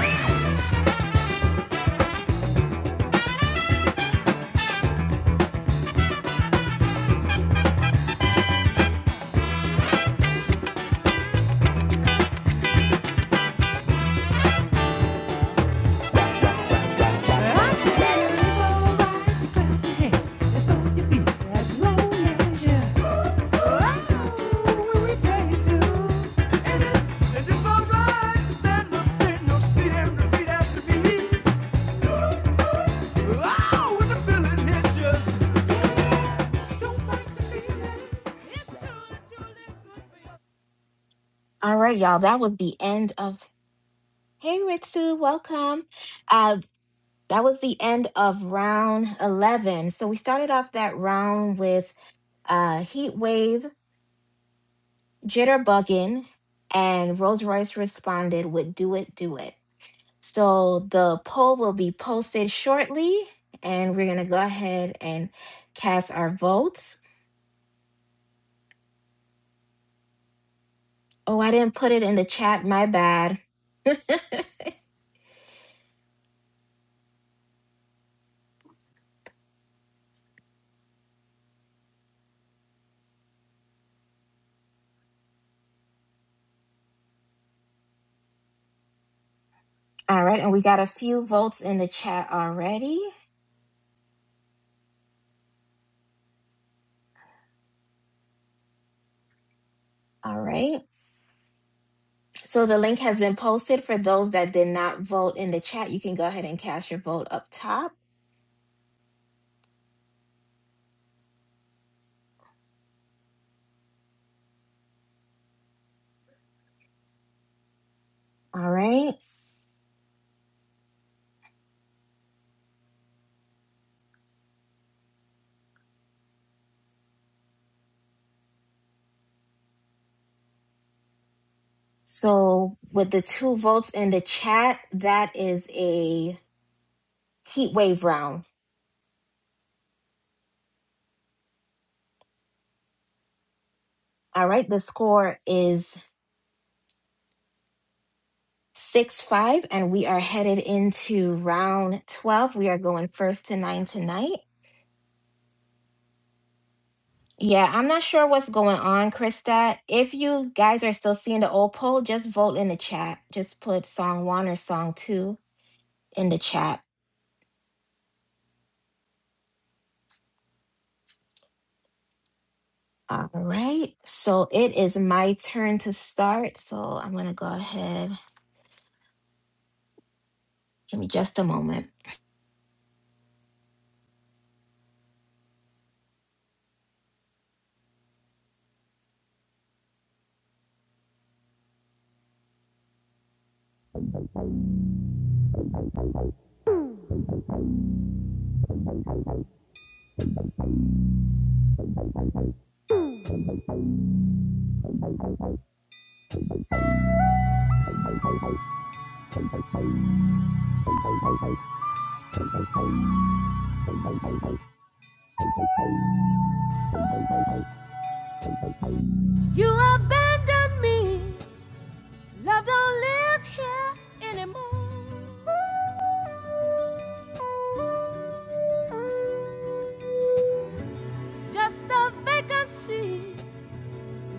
I tell you, it's alright to clap your hands and stomp your feet as long as you. All right, y'all. That was the end of. Hey, Ritsu, welcome. Uh, that was the end of round 11. So we started off that round with uh, Heat Wave, Jitterbugging, and Rolls Royce responded with Do It, Do It. So the poll will be posted shortly, and we're going to go ahead and cast our votes. Oh, I didn't put it in the chat. My bad. All right. And we got a few votes in the chat already. All right. So the link has been posted for those that did not vote in the chat. You can go ahead and cast your vote up top. All right. So with the two votes in the chat, that is a heat wave round. All right. The score is 6 5, and we are headed into round 12. We are going first to nine tonight. Yeah, I'm not sure what's going on, Krista. If you guys are still seeing the old poll, just vote in the chat. Just put song one or song two in the chat All right, so it is my turn to start. So I'm going to go ahead. Give me just a moment. You abandoned me. Love don't live here anymore. Just a vacancy.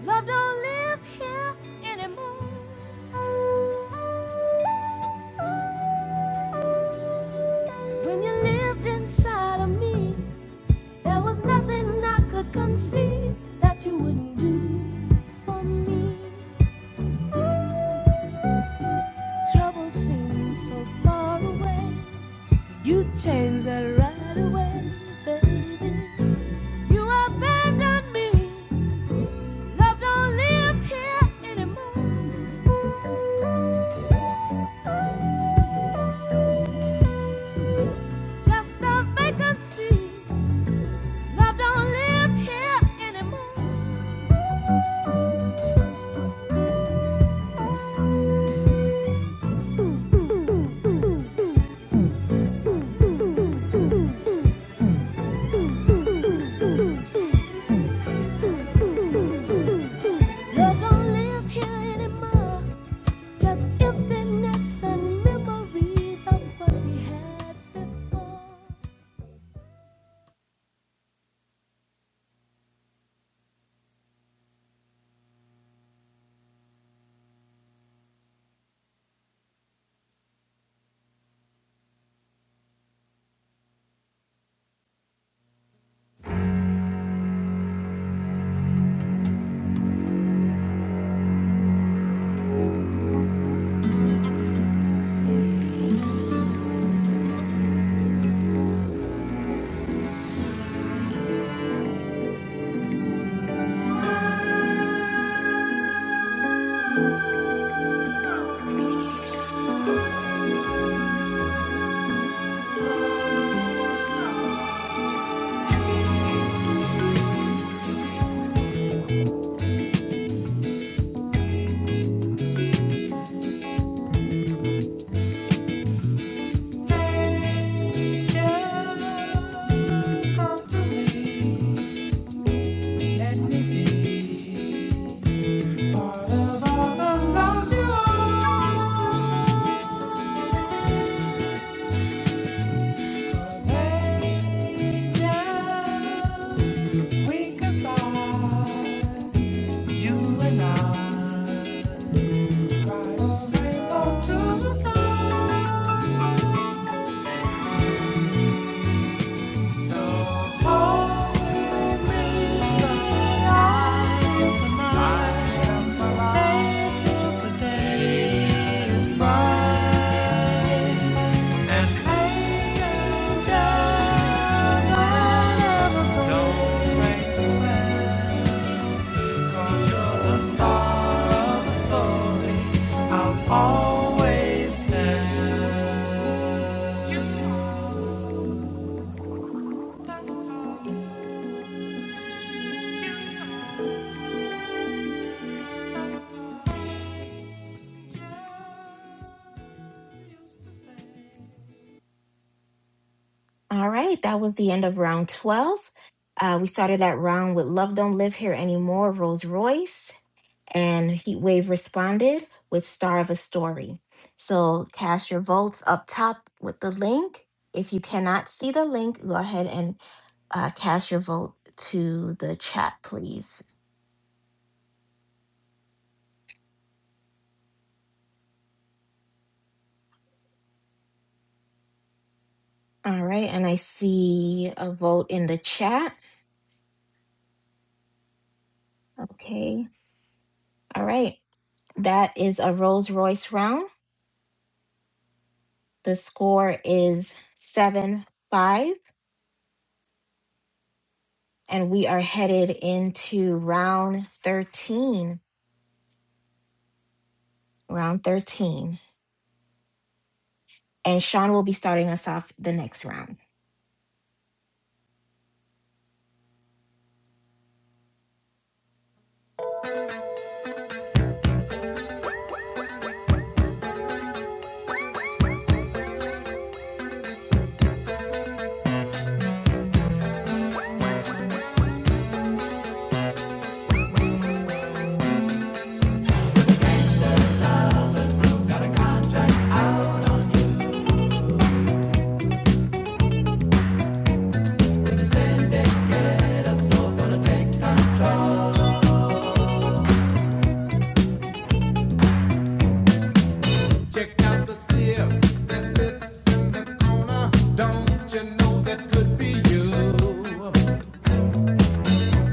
Love don't live here anymore. When you lived inside of me, there was nothing I could conceive that you wouldn't do for me. Trouble seems so far away. You changed that right away, baby. You abandoned me. Love don't live here anymore. Just a vacancy. Love don't live here anymore. Love don't live here anymore. Just emptiness and memories of what we had before. down to me and Nikki. Out of all the love you owe, take that we can fly, You and I, ride a rainbow to the sky. So hold me tonight. Stay the day is bright. Angel, Don't break the spell, 'cause you're the star of the story. I'll always tell you. know That's all, that's all I used to say. All right, that was the end of round 12. Uh, we started that round with Love Don't Live Here Anymore, Rolls Royce, and Heatwave responded with Star of a Story. So cast your votes up top with the link. If you cannot see the link, go ahead and uh, cast your vote to the chat, please. All right, and I see a vote in the chat. Okay. All right. That is a Rolls Royce round. The score is 7 5, and we are headed into round 13. Round 13. And Sean will be starting us off the next round. Check out the stiff that sits in the corner. Don't you know that could be you?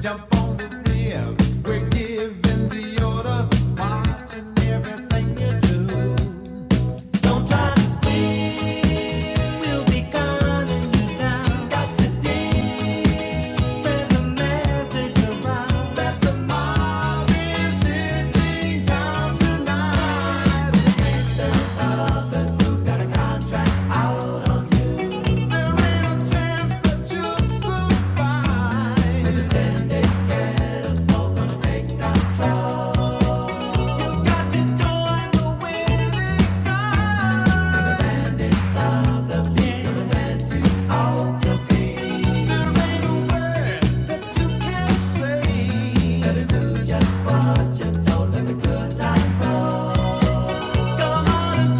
Jump on the riff. We're giving the orders, watching everything you do. Don't try to scream, we'll be gunning you down. Got to dance, spread the message around that the mob is in town tonight. Enjoy the winning side. You can't sit tight. Come on and join.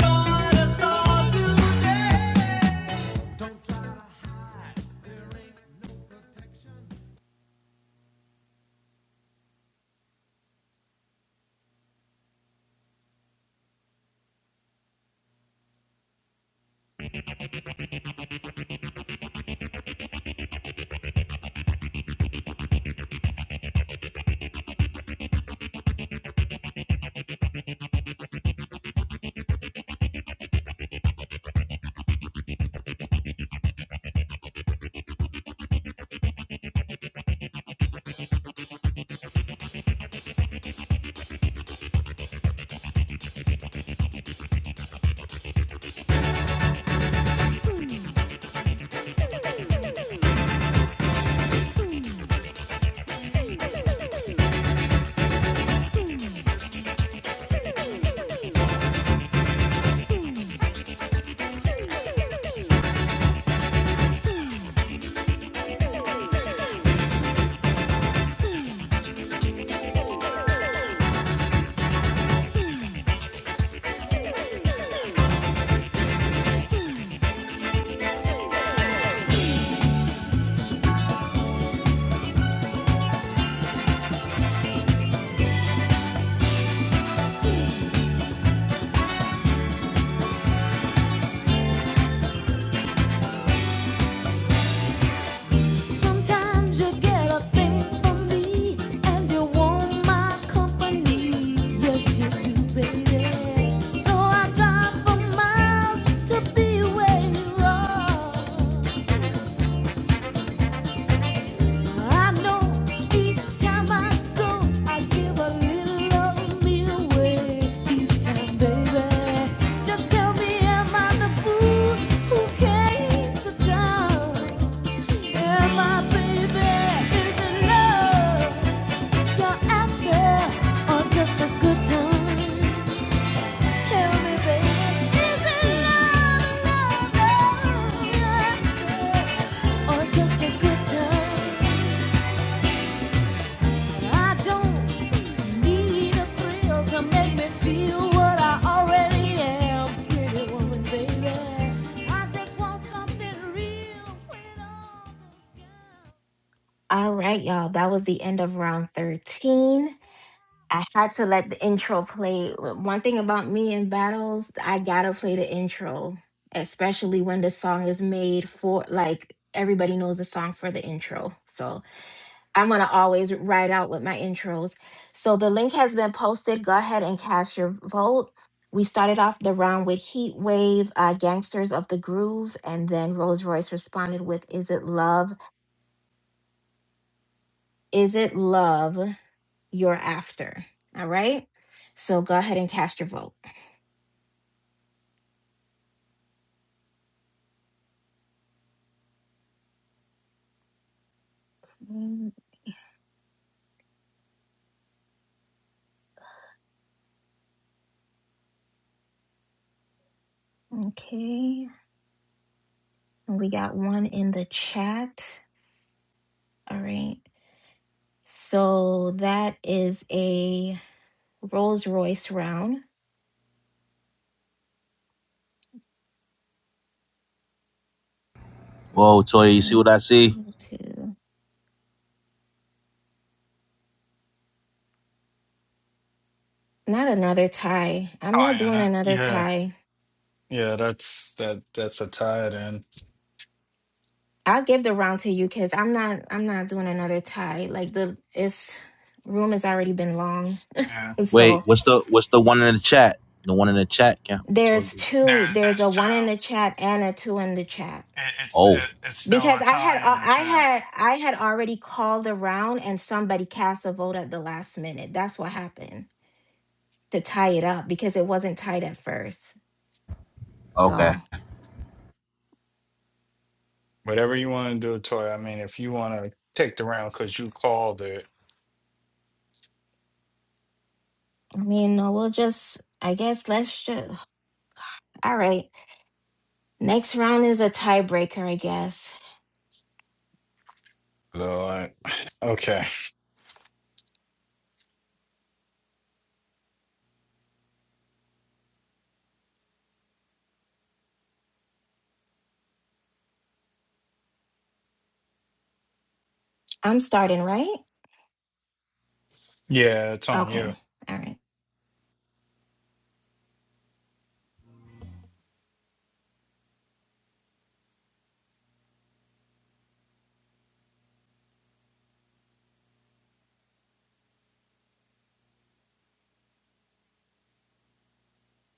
Thank you. Sometimes you get a thing from me, and you want my company. Yes, you do, baby. So I drive for miles to be where you are. I know each time I go, I give a little of me away. Each time, baby. Just tell me, am I the fool who came to town? Am I, baby? Is it love? You're out there just a good time. Tell me, baby, is it love, love, love, or just a good time? I don't need a thrill to make me feel what I already am, pretty woman, baby. I just want something real All right, y'all. That was the end of round 13. I had to let the intro play. One thing about me in battles, I gotta play the intro, especially when the song is made for, like, everybody knows the song for the intro. So I'm gonna always ride out with my intros. So the link has been posted. Go ahead and cast your vote. We started off the round with Heat Wave, uh, Gangsters of the Groove, and then Rolls Royce responded with Is It Love? Is It Love? you're after. All right. So go ahead and cast your vote. Mm, Okay. We got one in the chat. All right. So that is a Rolls Royce round. Whoa, Toy, you see Mm, what I see? one, Two. Not another tie. I'm Oh not yeah, doing that, another yeah, tie. yeah. That's that. That's a tie then. I'll give the round to you because I'm not I'm not doing another tie. Like the it's room has already been long. Yeah, (laughs) Wait, So what's the what's the one in the chat? The one in the chat count towards there's the two, there's there's there's a two. one in the chat and a two in the chat. It, it's it, Oh, it's still a because I had tie uh, in the I chat. had I had already called around and somebody cast a vote at the last minute. That's what happened to tie it up because it wasn't tied at first. okay. So Whatever you want to do, Toy. I mean, if you want to take the round because you called it, I mean, no, we'll just I guess let's just all right. Next round is a tiebreaker, I guess. Lord. (sighs) Okay. I'm starting, right? Yeah, it's on you. Okay. All right.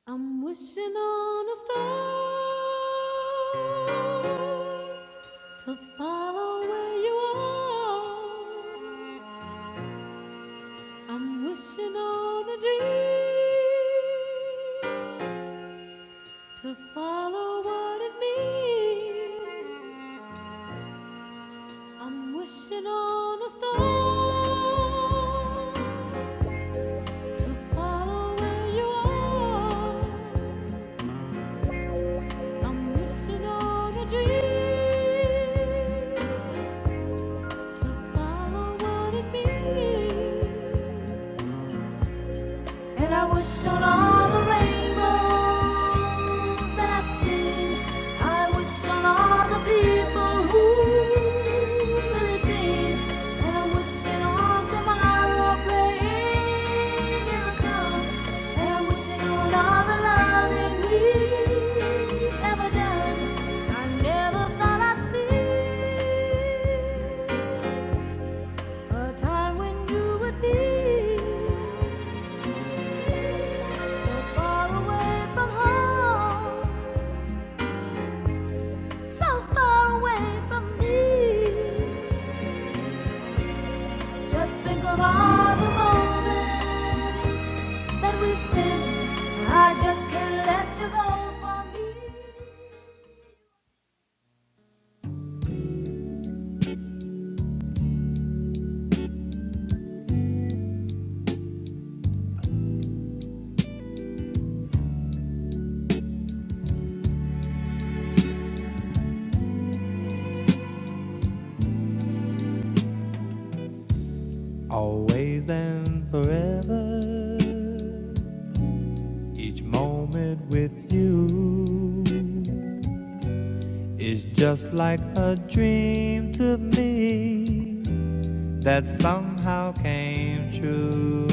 I'm wishing on a star to follow where you are. I'm wishing on a dream to follow what it means. I'm wishing on a star to follow where you are. I'm wishing on a dream to follow what it means. And I wish on all the rainbows that I've seen. I wish on all the people who really dream. And I'm wishing on tomorrow praying it'll come. And I'm wishing on all the love that we've ever done. I never thought I'd see a time when you would be. So far away from home, so far away from me. Just think of all the moments that we spent. I just can't let you go from me. Always and forever, each moment with you is just like a dream to me that somehow came true.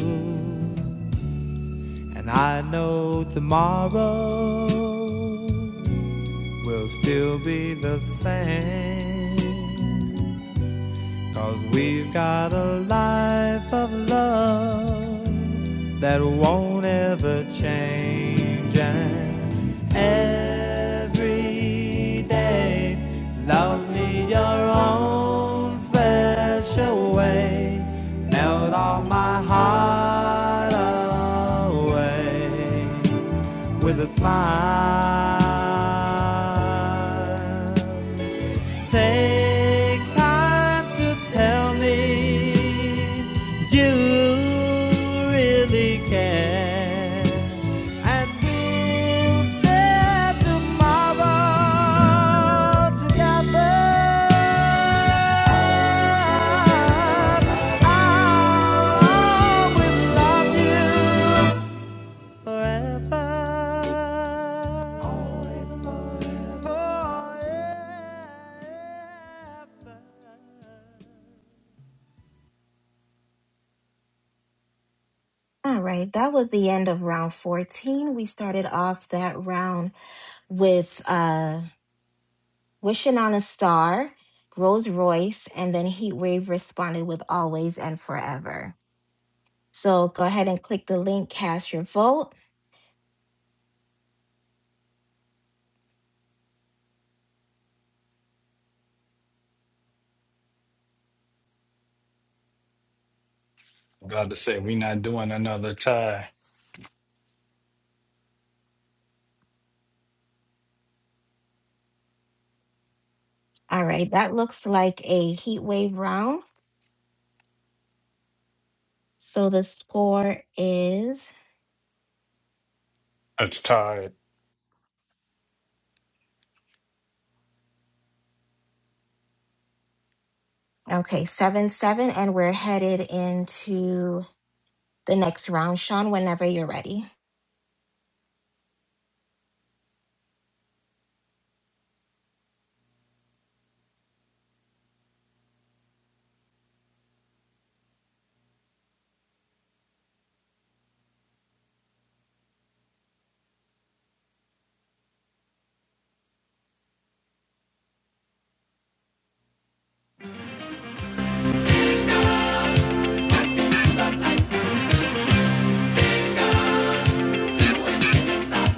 And I know tomorrow will still be the same Cause we've got a life of love that won't ever change. And every day, love me your own special way. Melt all my heart away with a smile. Take time to tell me you really care. And we'll set tomorrow together. Always love you forever. Always forever. Oh, yeah. All right, that was the end of round 14. We started off that round with uh Wishing on a Star, Rolls Royce, and then Heatwave responded with Always and Forever. So go ahead and click the link, cast your vote. I'm about to say we not doing another tie. All right, that looks like a Heatwave round. So the score is It's tied. okay, 7 7, and we're headed into the next round. Sean, whenever you're ready. Stop.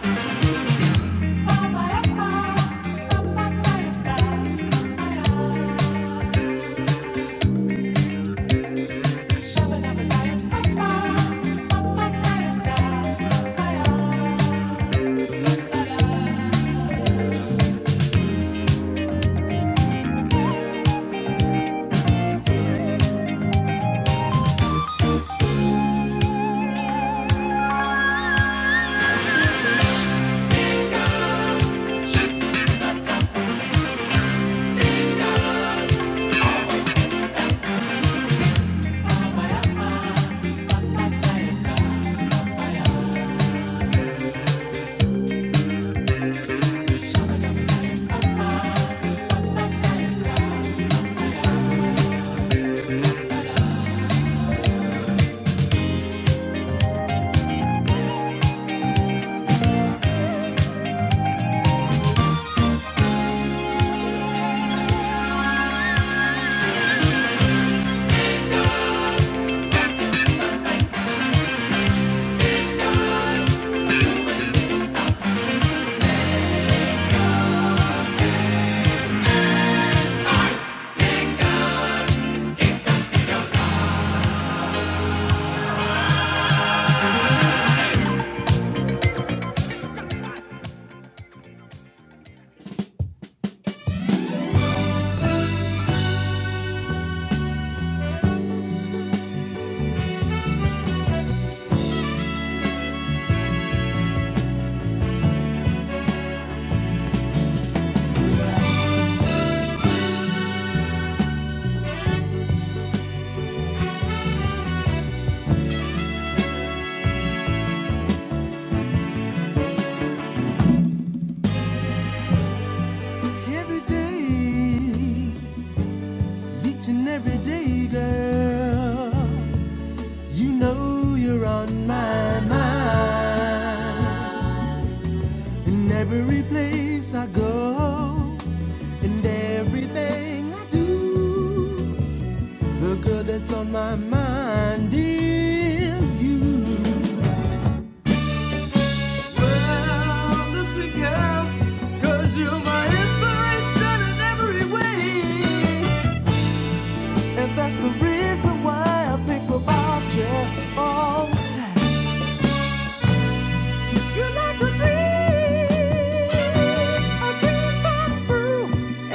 In every place I go, and everything I do, the girl that's on my mind is you. Well, listen, girl, 'cause you're my inspiration in every way. And that's the reason why I think about you all the time. You're like a dream I came back through.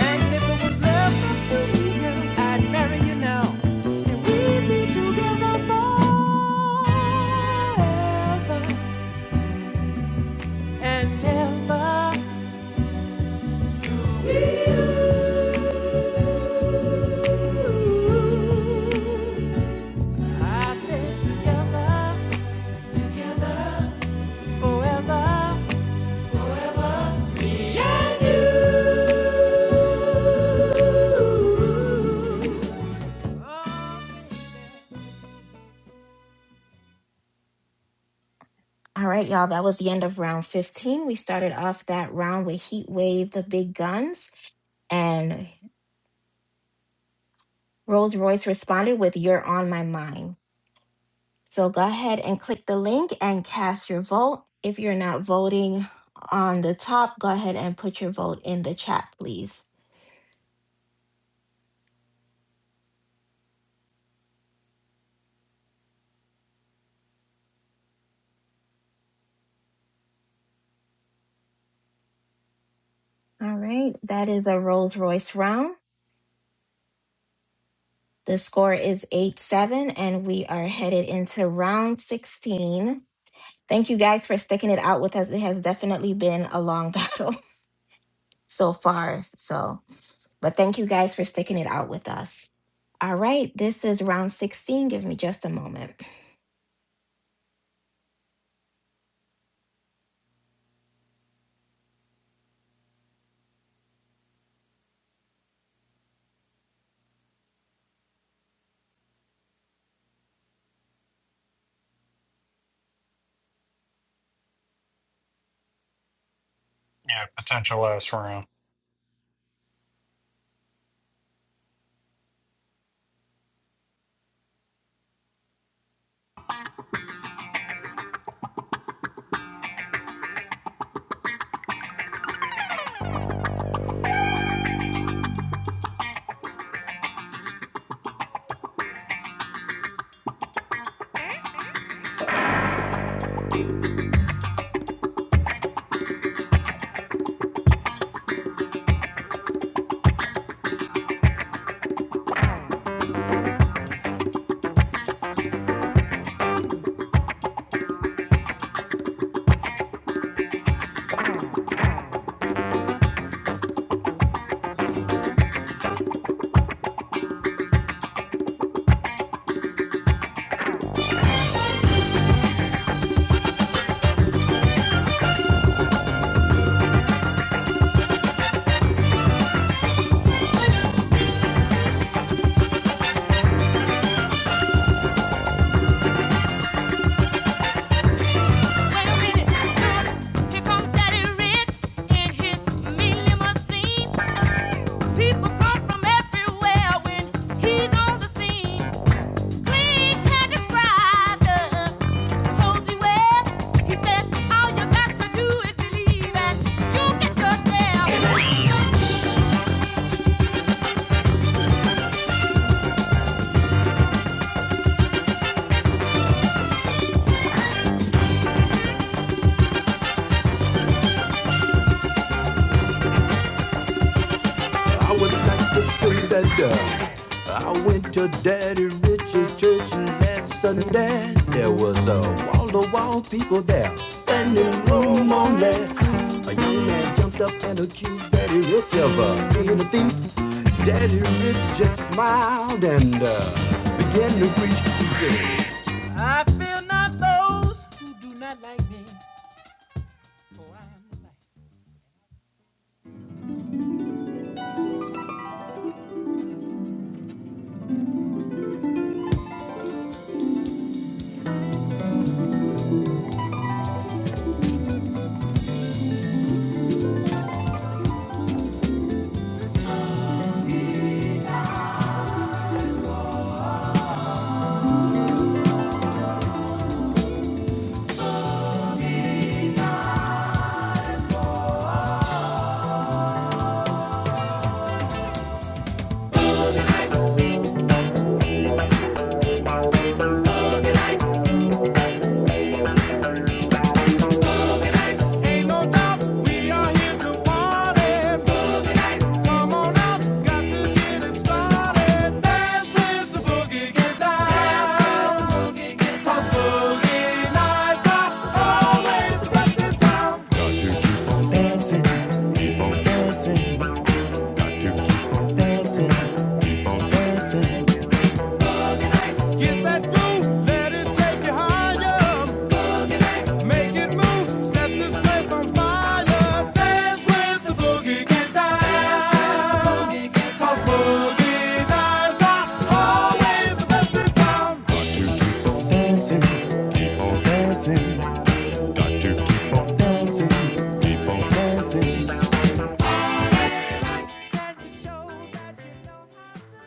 And if it was left up to me, girl, I'd marry you now. And we'd be together forever and ever. I said together, together, forever, forever, me and you. Oh, All right, y'all, that was the end of round 15. We started off that round with Heatwave, the big guns, and Rolls Royce responded with You're on My Mind. So go ahead and click the link and cast your vote. If you're not voting on the top, go ahead and put your vote in the chat, please. All right, that is a Rolls Royce round. The score is 8 7, and we are headed into round 16. Thank you guys for sticking it out with us. It has definitely been a long (laughs) battle so far. So, but thank you guys for sticking it out with us. All right, this is round 16. Give me just a moment. Yeah, potential last round. here comes Daddy Rich in his million machine. People come from everywhere when he's on the scene. Clean can't describe the He said, all you got to do is believe and you get yourself. I went back to street that uh, I went to Daddy Rich's church last Sunday there was a wall to wall people there standing room only. A young man jumped up and accused Daddy Rich of uh, being a thief. Daddy Rich just smiled and uh, began to preach. He said, I feel not those who do not like me, for I am the light. Ain't no doubt we are here to party. Boogie night, come on out, got to get it started. Dance with the boogie, get down. 'Cause boogie nights are always the best in town. Get that groove, let it take you higher. Make it move, set this place on fire. Dance with the boogie, get down. Cause boogie nights are always the best in town. Can you show that you know how to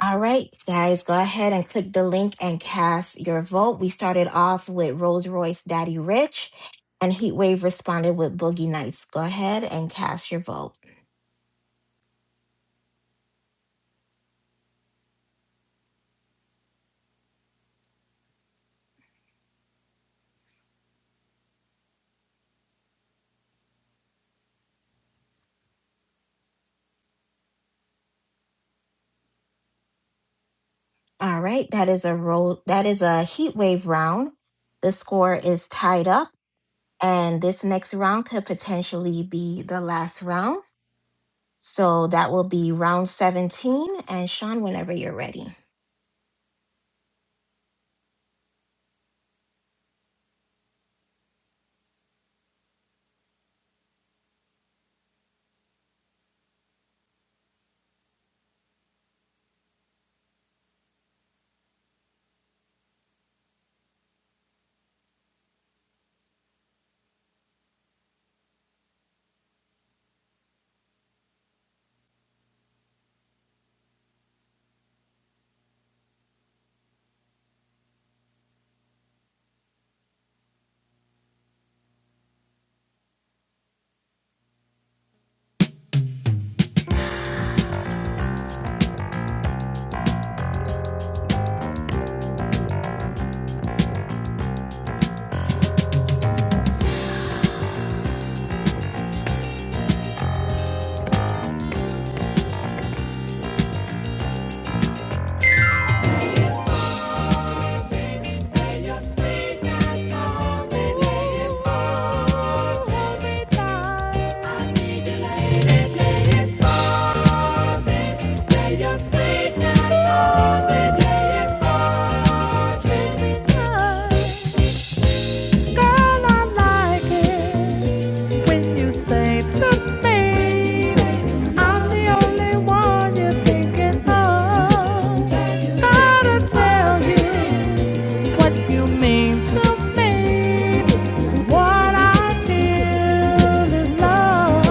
All right, guys, go ahead and click the link and cast your vote. We started off with Rolls Royce Daddy Rich, and Heatwave responded with Boogie Nights. Go ahead and cast your vote. All right, that is a roll. That is a Heatwave round. The score is tied up. And this next round could potentially be the last round. So that will be round 17. And Sean, whenever you're ready. When you say to me, I'm the only one you're thinking of. Gotta tell you what you mean to me. What I need is love.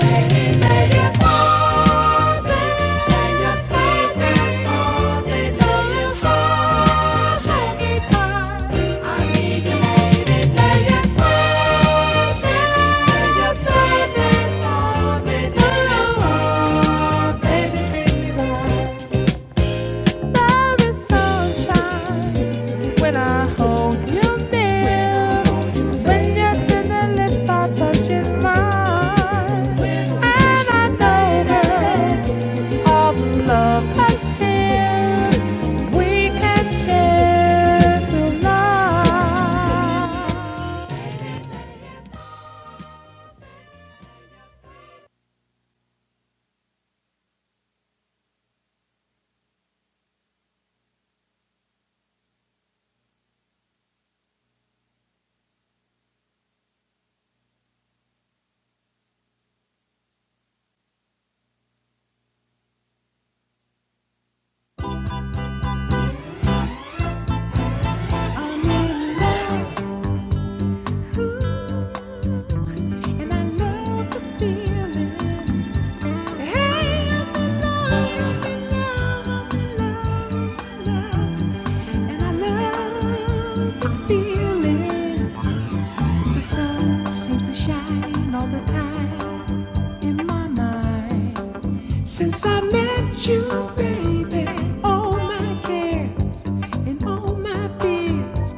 Baby, baby, hold me. Lay your sweetness on me. Lay your heart on me tight. I need you, lady. Lay your sweetness. Lay your sweetness on me. Lay your heart, baby, treat me right. There is sunshine when I hold you near. When your tender lips are touching mine. And I know, girl, all the love that's here, we can share through life. I'm in love. And I love the feeling. Hey, I'm in love, I'm in love, I'm in love, I'm in love. And I love the feeling. The sun seems to shine all the time in my mind. Since I met you, baby, all my cares and all my fears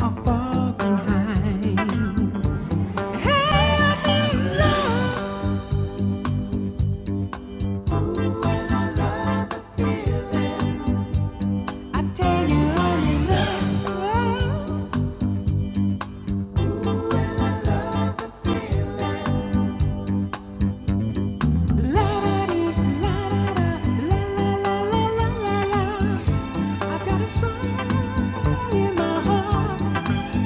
are far behind.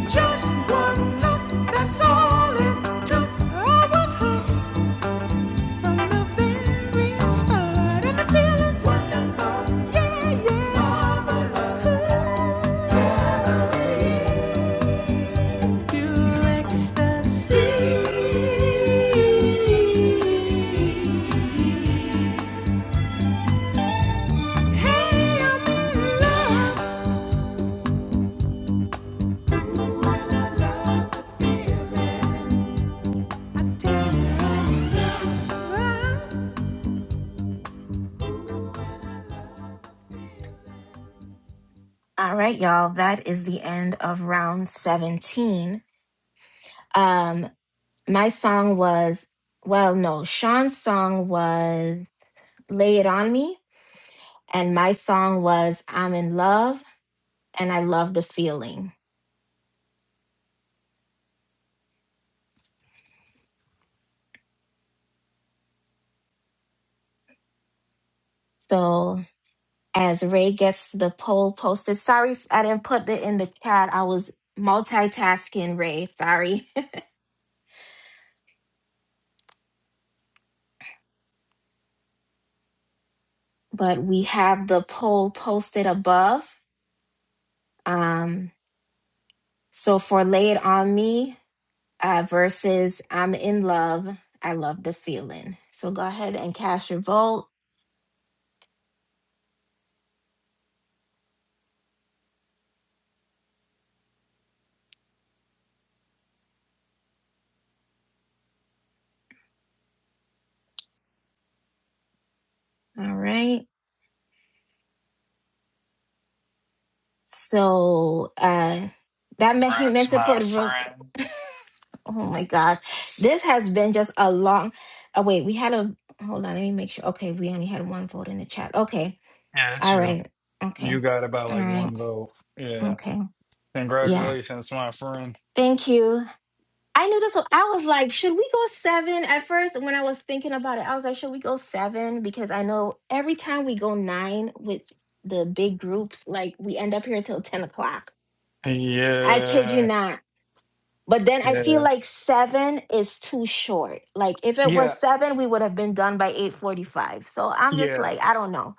Just one look, that's all it took. I was hooked. Hey, I'm in love. All right, y'all, that is the end of round 17. Um, my song was, well, no, Sean's song was Lay It On Me. And my song was I'm in Love and I Love the Feeling. So as Ray gets the poll posted. Sorry if I didn't put it in the chat. I was multitasking, Ray. Sorry. (laughs) but we have the poll posted above. Um, so for Lay It On Me uh, versus I'm in Love, I Love the Feeling. So go ahead and cast your vote. All right. So uh, that meant he meant Congrats, to my put. ro- friend. (laughs) Oh my God. This has been just a long. Oh, wait, we had a. Hold on, let me make sure. Okay, we only had one vote in the chat. Okay. Yeah, it's All you. right. You Okay. got about All like right. one vote. Yeah. Okay. Yeah. Congratulations, my friend. Thank you. I knew this. was- I was like, should we go seven at first? When I was thinking about it, I was like, should we go seven? Because I know every time we go nine with the big groups, like we end up here until 10 o'clock. I kid you Yeah, not. But then I feel yeah, like seven is too short. Like if it yeah, was seven, we would have been done by eight forty-five. So I'm just yeah, like, I don't know.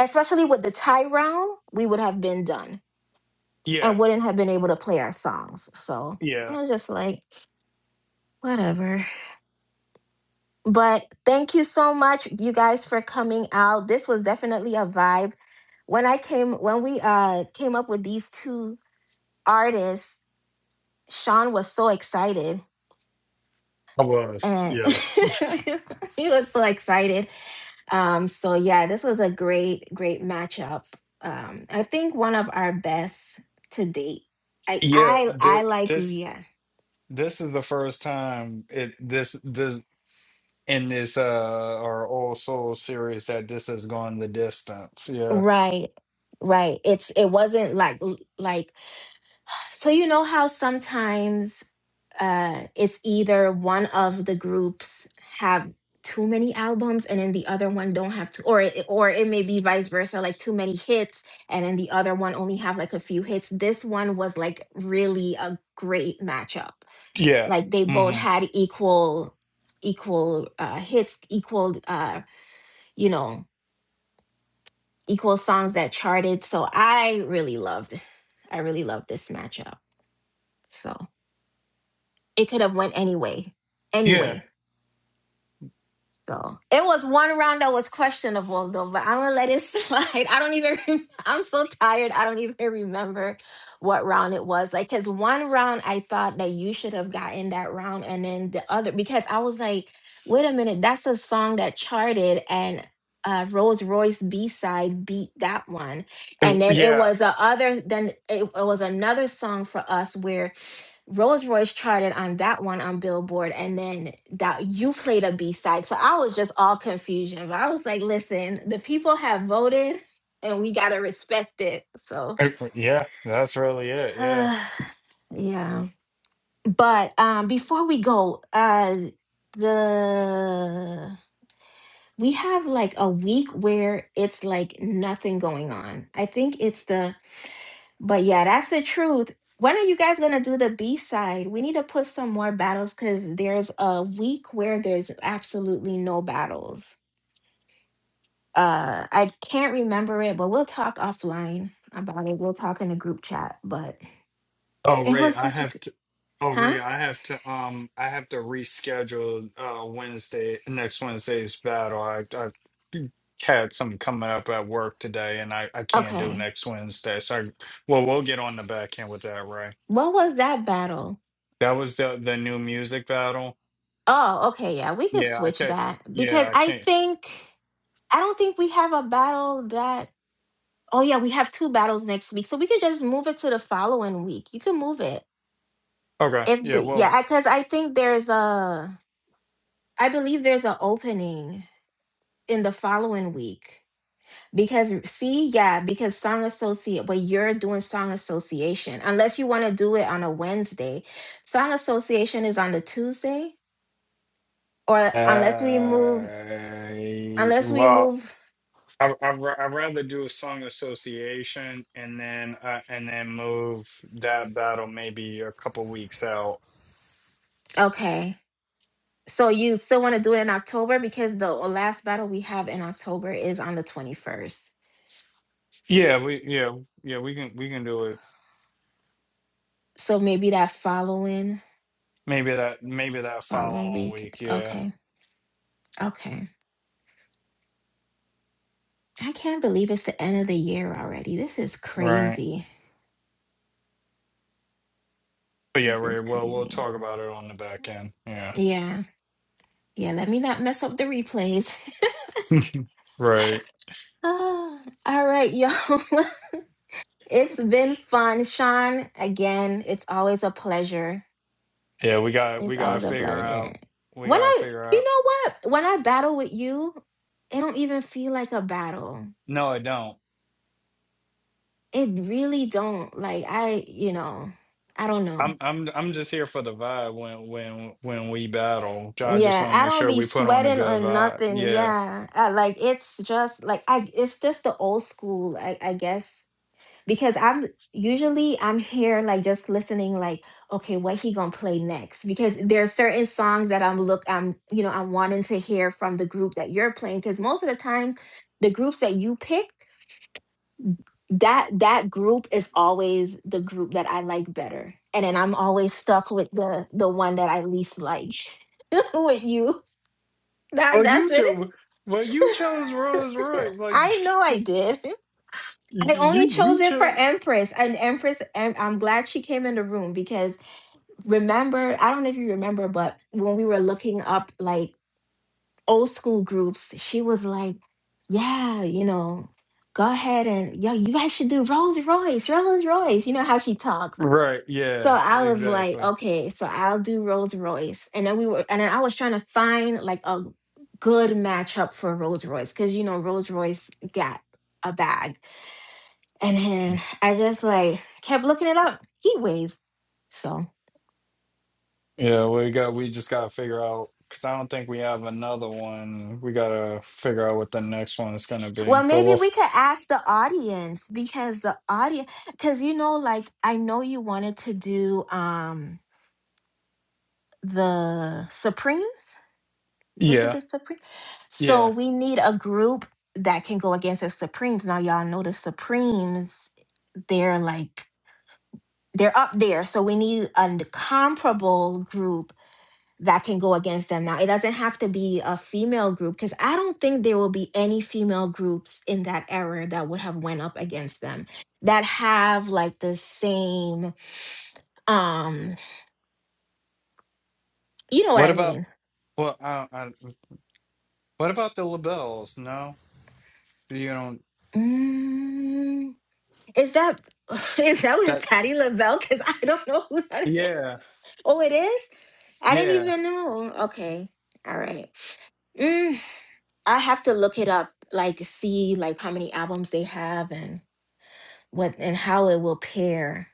Especially with the tie round, we would have been done yeah, and wouldn't have been able to play our songs. So I yeah. was just like, whatever. But thank you so much, you guys, for coming out. This was definitely a vibe. When I came, when we uh came up with these two artists, Sean was so excited I was, and yes. (laughs) (laughs) he was so excited. Um, so yeah, this was a great, great matchup. Um, I think one of our best to date. I Yeah, I I th like this Rhea. this is the first time it this this in this uh our All Souls series that this has gone the distance. Yeah. Right, right. It's it wasn't like like so you know how sometimes uh, it's either one of the groups have too many albums and then the other one don't have to or it, or it may be vice versa like too many hits and then the other one only have like a few hits this one was like really a great matchup Yeah. like they both hmm had equal equal uh hits equal uh you know equal songs that charted so i really loved i really loved this matchup so it could have went anyway Yeah. anyway So it was one round that was questionable though, but I'm gonna let it (laughs) slide. I don't even. rem- I'm so tired. I don't even remember what round it was. Like, cause one round I thought that you should have gotten that round, and then the other because I was like, wait a minute, that's a song that charted and. Uh, Rolls Royce B side beat that one, Uh, and then it Yeah. was a other. Then it, it was another song for us where Rolls Royce charted on that one on Billboard, and then that you played a B side. So I was just all confusion. But I was like, listen, the people have voted and we gotta respect it. So Uh, Yeah. That's really (sighs) it. yeah. But um before we go, uh the we have like a week where it's like nothing going on. I think it's the But yeah, that's the truth. When are you guys gonna do the B side? We need to put some more battles because there's a week where there's absolutely no battles. Uh, I can't remember it, but we'll talk offline about it. We'll talk in a group chat. But Oh it Ray, was I such a gr- have to. Oh Ray, huh? I have to. Um, I have to reschedule. Uh, Wednesday next Wednesday's battle. I I had something coming up at work today, and I I can't do Okay, next Wednesday. So, I, well, we'll get on the back end with that, Ray. what was that battle? That was the the new music battle. Oh, okay, yeah, we could Yeah, I switch can't. that Yeah, because I I can't. think I don't think we have a battle that. Oh yeah, we have two battles next week, so we could just move it to the following week. You can move it. Okay. if Yeah. the Well. yeah because i think there's a i believe there's an opening in the following week because see yeah because song associate but you're doing song association unless you want to do it on a wednesday song association is on the tuesday or unless we move Uh, unless we well. move I I ra- I'd rather do a song association and then uh, and then move that battle maybe a couple weeks out. okay so you still want to do it in october because the last battle we have in october is on the 21st Yeah, we yeah yeah we can we can do it. so maybe that following Maybe that maybe that following following week week. Yeah, okay okay I can't believe it's the end of the year already. This is right. crazy. But yeah, This is right. Well, we'll crazy. talk about it on the back end. Yeah, Yeah. Yeah, let me not mess up the replays. (laughs) (laughs) right. Ah, all right, y'all. (laughs) it's been fun. Sean, again, it's always a pleasure. Yeah, we got we It's got to always a figure pleasure. out. We When got to I, figure you out. know what? When I battle with you, it don't even feel like a battle. No, I don't. It really don't. Like I, you know, I don't know. I'm I'm I'm just here for the vibe when when when we battle. I just Yeah, want to I make don't sure be we put on a sweating or good vibe. nothing. Yeah. Yeah, I, like it's just like I, it's just the old school, I, I guess, because I'm usually I'm here like just listening, like okay, what he gonna play next? Because there's certain songs that I'm look, I'm you know I'm wanting to hear from the group that you're playing, because most of the times the groups that you pick, that that group is always the group that I like better, and then I'm always stuck with the the one that I least like (laughs) with you. That Well, you that's what it chose. Well, you chose (laughs) Rolls Royce. Like I know (laughs) I did. I only you, chose you it for chose. Empress. And Empress, em- I'm glad she came in the room because remember, I don't know if you remember, but when we were looking up like old school groups, she was like, yeah, you know, go ahead and, yeah, you guys should do Rolls Royce, Rolls Royce. You know how she talks. Right. So Yeah. I was like, Exactly. okay, so I'll do Rolls Royce. And then we were, and then I was trying to find like a good matchup for Rolls Royce because, you know, Rolls Royce got a bag. And then I just like kept looking it up. Heat wave. So, Yeah. We got. We just gotta figure out because I don't think we have another one. We gotta figure out what the next one is gonna be. well, But maybe we'll. we f- could ask the audience because the audience, because, you know, like I know you wanted to do um the Supremes. Was it Yeah. the Supreme? So Yeah. we need a group that can go against the Supremes. Now, y'all know the Supremes, they're like, they're up there. So we need a n- comparable group that can go against them. Now, it doesn't have to be a female group because I don't think there will be any female groups in that era that would have went up against them that have like the same, um, you know what What I about? mean. Well, I, I, what about the labels? No, you don't. Mm, Is that (sighs) (laughs) is that with That. Patty LaBelle? Because I don't know who that is. Yeah. Oh, it is. I didn't Yeah. even know. Okay, all right. Mm, I have to look it up, like see like how many albums they have and what and how it will pair.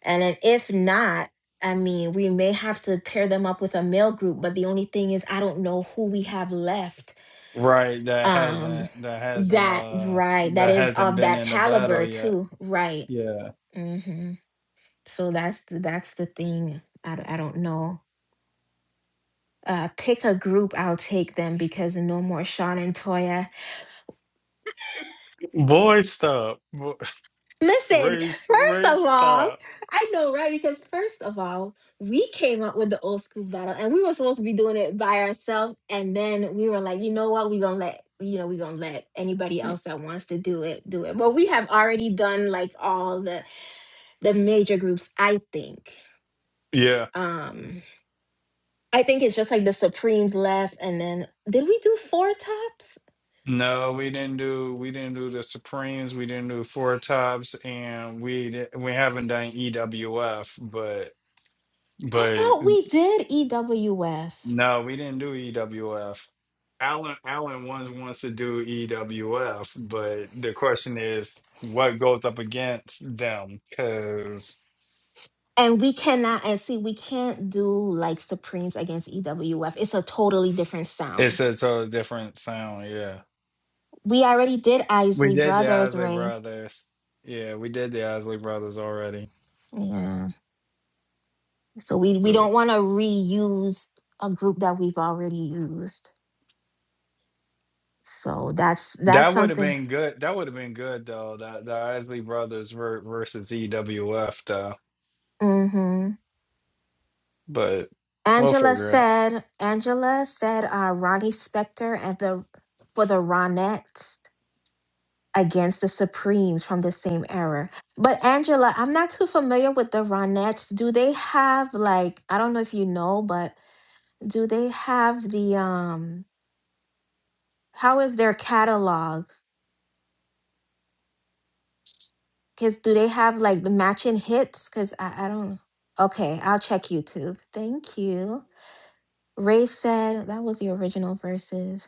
And then if not, I mean, we may have to pair them up with a male group. But the only thing is, I don't know who we have left. Right. That Um, hasn't. That hasn't. that Uh. right, that That is hasn't of been that in the battle caliber yet. too. Right. Yeah. Hmm. So that's the, that's the thing. I, d- I don't know. Uh, pick a group. I'll take them because no more Sean and Toya. Boy, stop. Boy, (laughs) Listen, race, first of race, all, stop. I know, right? Because first of all, we came up with the old school battle, and we were supposed to be doing it by ourselves. And then we were like, you know what? We're gonna let you know we're gonna let anybody else that wants to do it do it. But we have already done like all the the major groups, I think. Yeah. Um I think it's just like the Supremes left, and then did we do Four Tops? No, we didn't do we didn't do the Supremes, we didn't do Four Tops, and we di- we haven't done EWF, but I but thought we did EWF. no, we didn't do EWF. Alan Alan wants wants to do EWF, but the question is what goes up against them because And we cannot, and see, we can't do like Supremes against EWF. It's a totally different it's sound. a totally different sound. yeah. We already did We Isley did the Brothers, Isley Ray. Brothers. Yeah, we did the Isley Brothers already. Yeah. So we, we So don't want to reuse a group that we've already used. So that's that's that would have something. been good. That would have been good though. That the Isley Brothers ver- versus EWF though. Hmm. But we'll Angela figure it out. said, Angela said, uh, Ronnie Spector and the for the Ronettes against the Supremes from the same era. But Angela, I'm not too familiar with the Ronettes. Do they have like I don't know if you know, but do they have the um? How is their catalog? Cause do they have like the matching hits? Cause I, I don't. Okay, I'll check YouTube. Thank you. Ray said that was the original verses.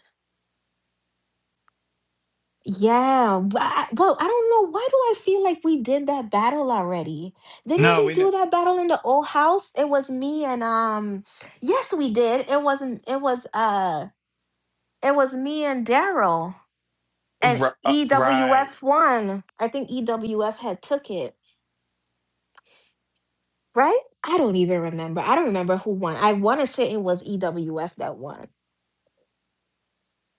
Yeah. w- I- Well, I don't know. Why do I feel like we did that battle already? Didn't No, we we do didn't. that battle in the old house? It was me and um yes, we did. It wasn't it was uh it was me and Daryl and Ri- uh, right EWF won. I think EWF had took it, right? I don't even remember. I don't remember who won. I want to say it was EWF that won.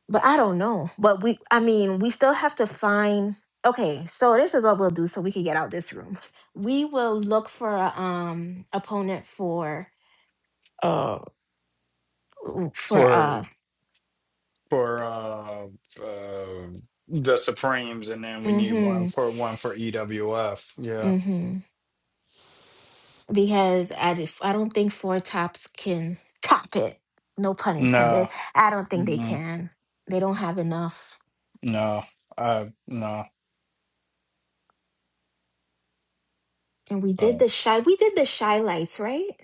but I don't know. But we, I mean, we still have to find. Okay, so this is what we'll do, so we can get out this room. (laughs) We will look for a um opponent for uh w- for for uh for uh, uh the Supremes, and then we need one mm-hmm for one for EWF. Yeah. mm-hmm because I did, I don't think four tops can (laughs) top it. No pun No. intended. I don't think they Mm-mm. can. They don't have enough. No. Uh. No. And we did So the shy. We did the shy lights, right?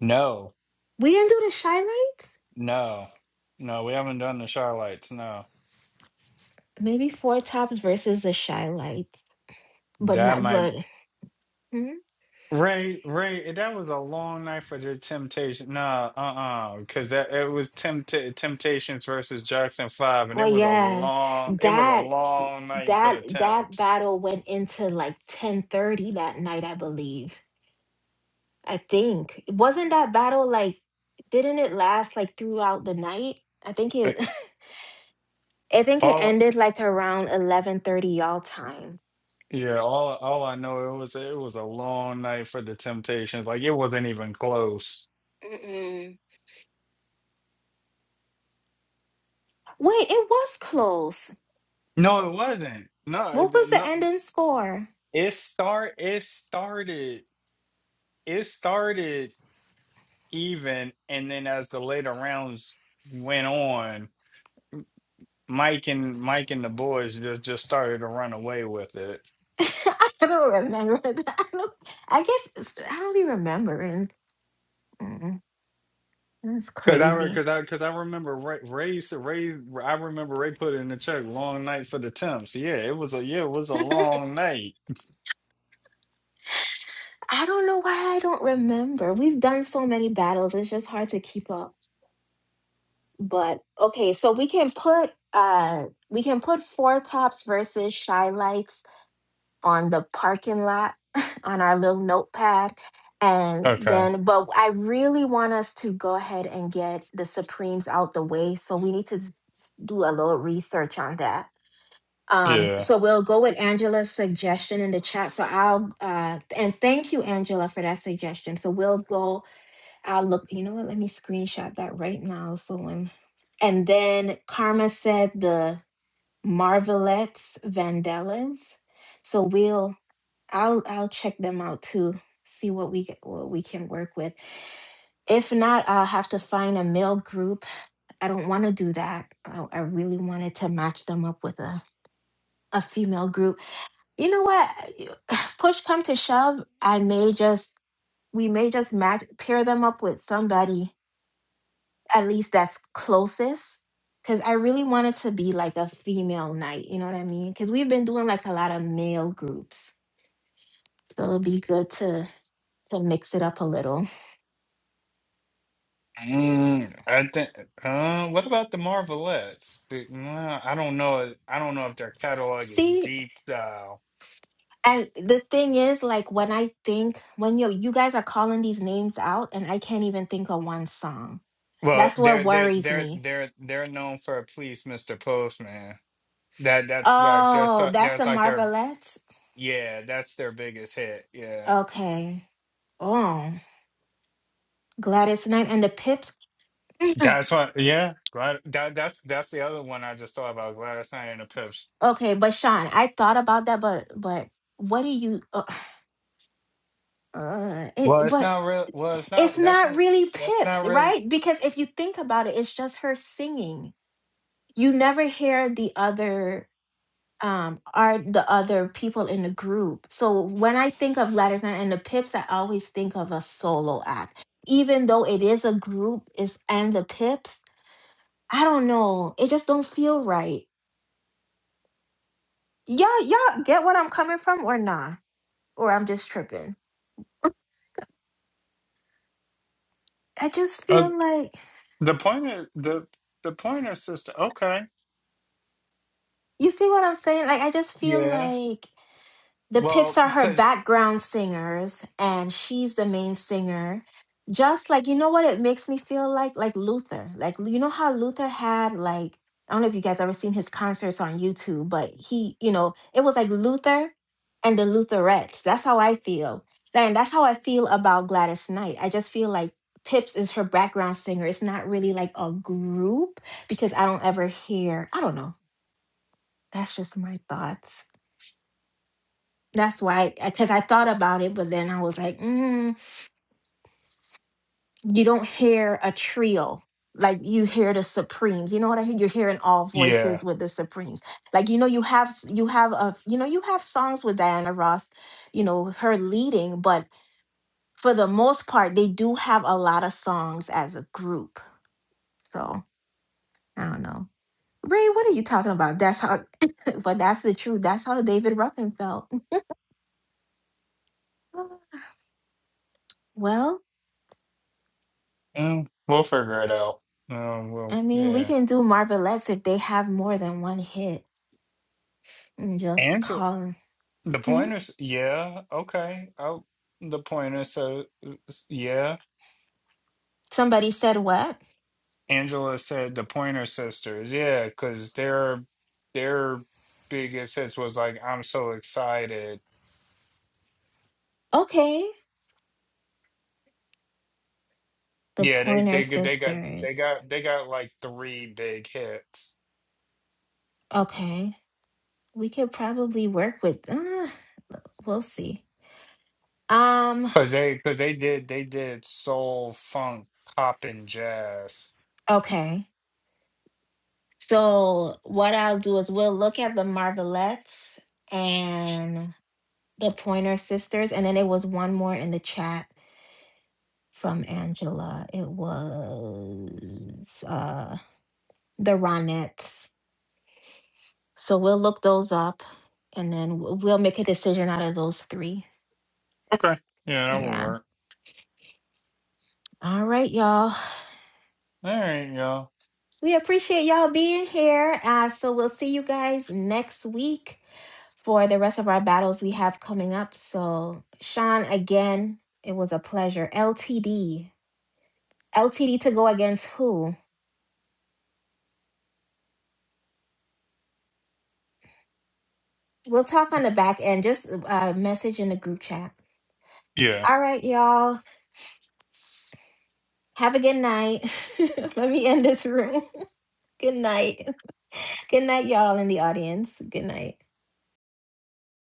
no. We didn't do the shy lights. No, no, we haven't done the Charlites. No, Maybe four tops versus the shy lights but that not might but Mhm. Ray Ray. That was a long night for the Temptation. Nah, uh, uh because that it was tempt Temptations versus Jackson Five, and it Well, was a yeah, long, it was a that long night for that the that Temps. battle went into like 10:30 that night, I believe. I think. Wasn't that battle like didn't it last like throughout the night? I think it It- (laughs) I think it All ended like around 11:30 y'all time. yeah, all all I know it was it was a long night for the Temptations. Like it wasn't even close. Mm-mm. Wait, it was close. No, it wasn't. No, What it, was the no. ending score? It start. It started. It started. even, and then as the later rounds went on, Mike and Mike and the boys just just started to run away with it. (laughs) I don't remember. (laughs) I don't I guess it's- I don't be remembering. Mm, That's Cause I re- crazy. cause I cause I remember Ray Ray s- Ray I remember Ray put in the check long night for the temps. Yeah, it was a yeah it was a long night. I don't know why I don't remember. We've done so many battles, it's just hard to keep up. But okay, so we can put uh we can put four tops versus shy lights on the parking lot (laughs) on our little notepad. And Okay. then but I really want us to go ahead and get the Supremes out the way. So we need to s- s- do a little research on that. Um, Yeah. so we'll go with Angela's suggestion in the chat. So I'll uh and thank you, Angela, for that suggestion. So we'll go I'll look, you know what? Let me screenshot that right now. So when and then Karma said the Marvelettes Vandellas. So we'll I'll I'll check them out too, see what we get what we can work with. If not, I'll have to find a male group. I don't want to do that. I, I really wanted to match them up with a, a female group. You know what? (sighs) Push come to shove, I may just we may just match pair them up with somebody at least that's closest because i really wanted to be like a female night you know what i mean because we've been doing like a lot of male groups so it'll be good to to mix it up a little Mm, I think. Uh, what about the Marvelettes? But, nah, I don't know. I don't know if their catalog is see deep. and the thing is like when i think when you you guys are calling these names out and i can't even think of one song Well, that's what they're they're worries they're me they're they're known for please, Mister Postman. That that's like their oh so- that's the that's like their marvelettes yeah, that's their biggest hit. Yeah, okay oh gladys knight and the pips (laughs) that's what. Yeah, glad that that's that's the other one I just thought about. Gladys Knight and the Pips. Okay, but Sean, I thought about that, but but what do you? Uh, (sighs) uh, Well, it it's but not real. Well, it's not. it's That's not really that's not Pips, real. right? Because if you think about it, it's just her singing. You never hear the other um are the other people in the group. So when I think of Gladys Knight and the Pips, I always think of a solo act. Even though it is a group, is and the Pips. I don't know. It just don't feel right. Y'all, y'all get what I'm coming from or nah? Or I'm just tripping. I just Uh, feel like the pointer, the the pointer sister. Okay. you see what I'm saying? Like I just feel Yeah. like The Well, Pips are her because background singers, and she's the main singer. Just like, you know what it makes me feel like? Like Luther. Like, you know how Luther had, like, I don't know if you guys ever seen his concerts on YouTube, but he, you know, it was like Luther and the Lutherettes. That's how I feel. And that's how I feel about Gladys Knight. I just feel like Pips is her background singer. It's not really like a group because I don't ever hear, I don't know. That's just my thoughts. That's why, because I thought about it, but then I was like, mm, you don't hear a trio. Like you hear the Supremes, you know what I mean. You're hearing all yeah, voices with the Supremes. Like you know, you have s- you have a you know you have songs with Diana Ross, you know her leading, but for the most part, they do have a lot of songs as a group. So I don't know, Ray. What are you talking about? That's how, (laughs) but that's the truth. That's how David Ruffin felt. (laughs) Well, Mm, we'll figure it out. Um. Well, I mean, we yeah. can do Marvel X if they have more than one hit and just call 'em. The Hmm? pointers, yeah, okay. Oh, the pointer, so yeah. Somebody said what? Angela said the Pointer Sisters, yeah, because their their biggest hits was like "I'm so excited." Okay. The Yeah, they Pointer they g- they got they Sisters. got they got like three big hits Okay. We could probably work with uh, we'll see. Um, because they because they did they did soul, funk, pop, and jazz. okay. So what I'll do is we'll look at the Marvelettes and the Pointer Sisters, and then it was one more in the chat from Angela. It was uh the Ronettes. So we'll look those up and then w- we'll make a decision out of those three. Okay. Yeah, that will Yeah. work. All right, y'all. All right, y'all. We appreciate y'all being here. Uh, so we'll see you guys next week for the rest of our battles we have coming up. So, Sean, again, it was a pleasure. LTD. LTD to go against who? We'll talk on the back end. Just uh, message in the group chat. Yeah. All right, y'all. Have a good night. (laughs) Let me end this room. (laughs) good night. Good night, y'all in the audience. Good night.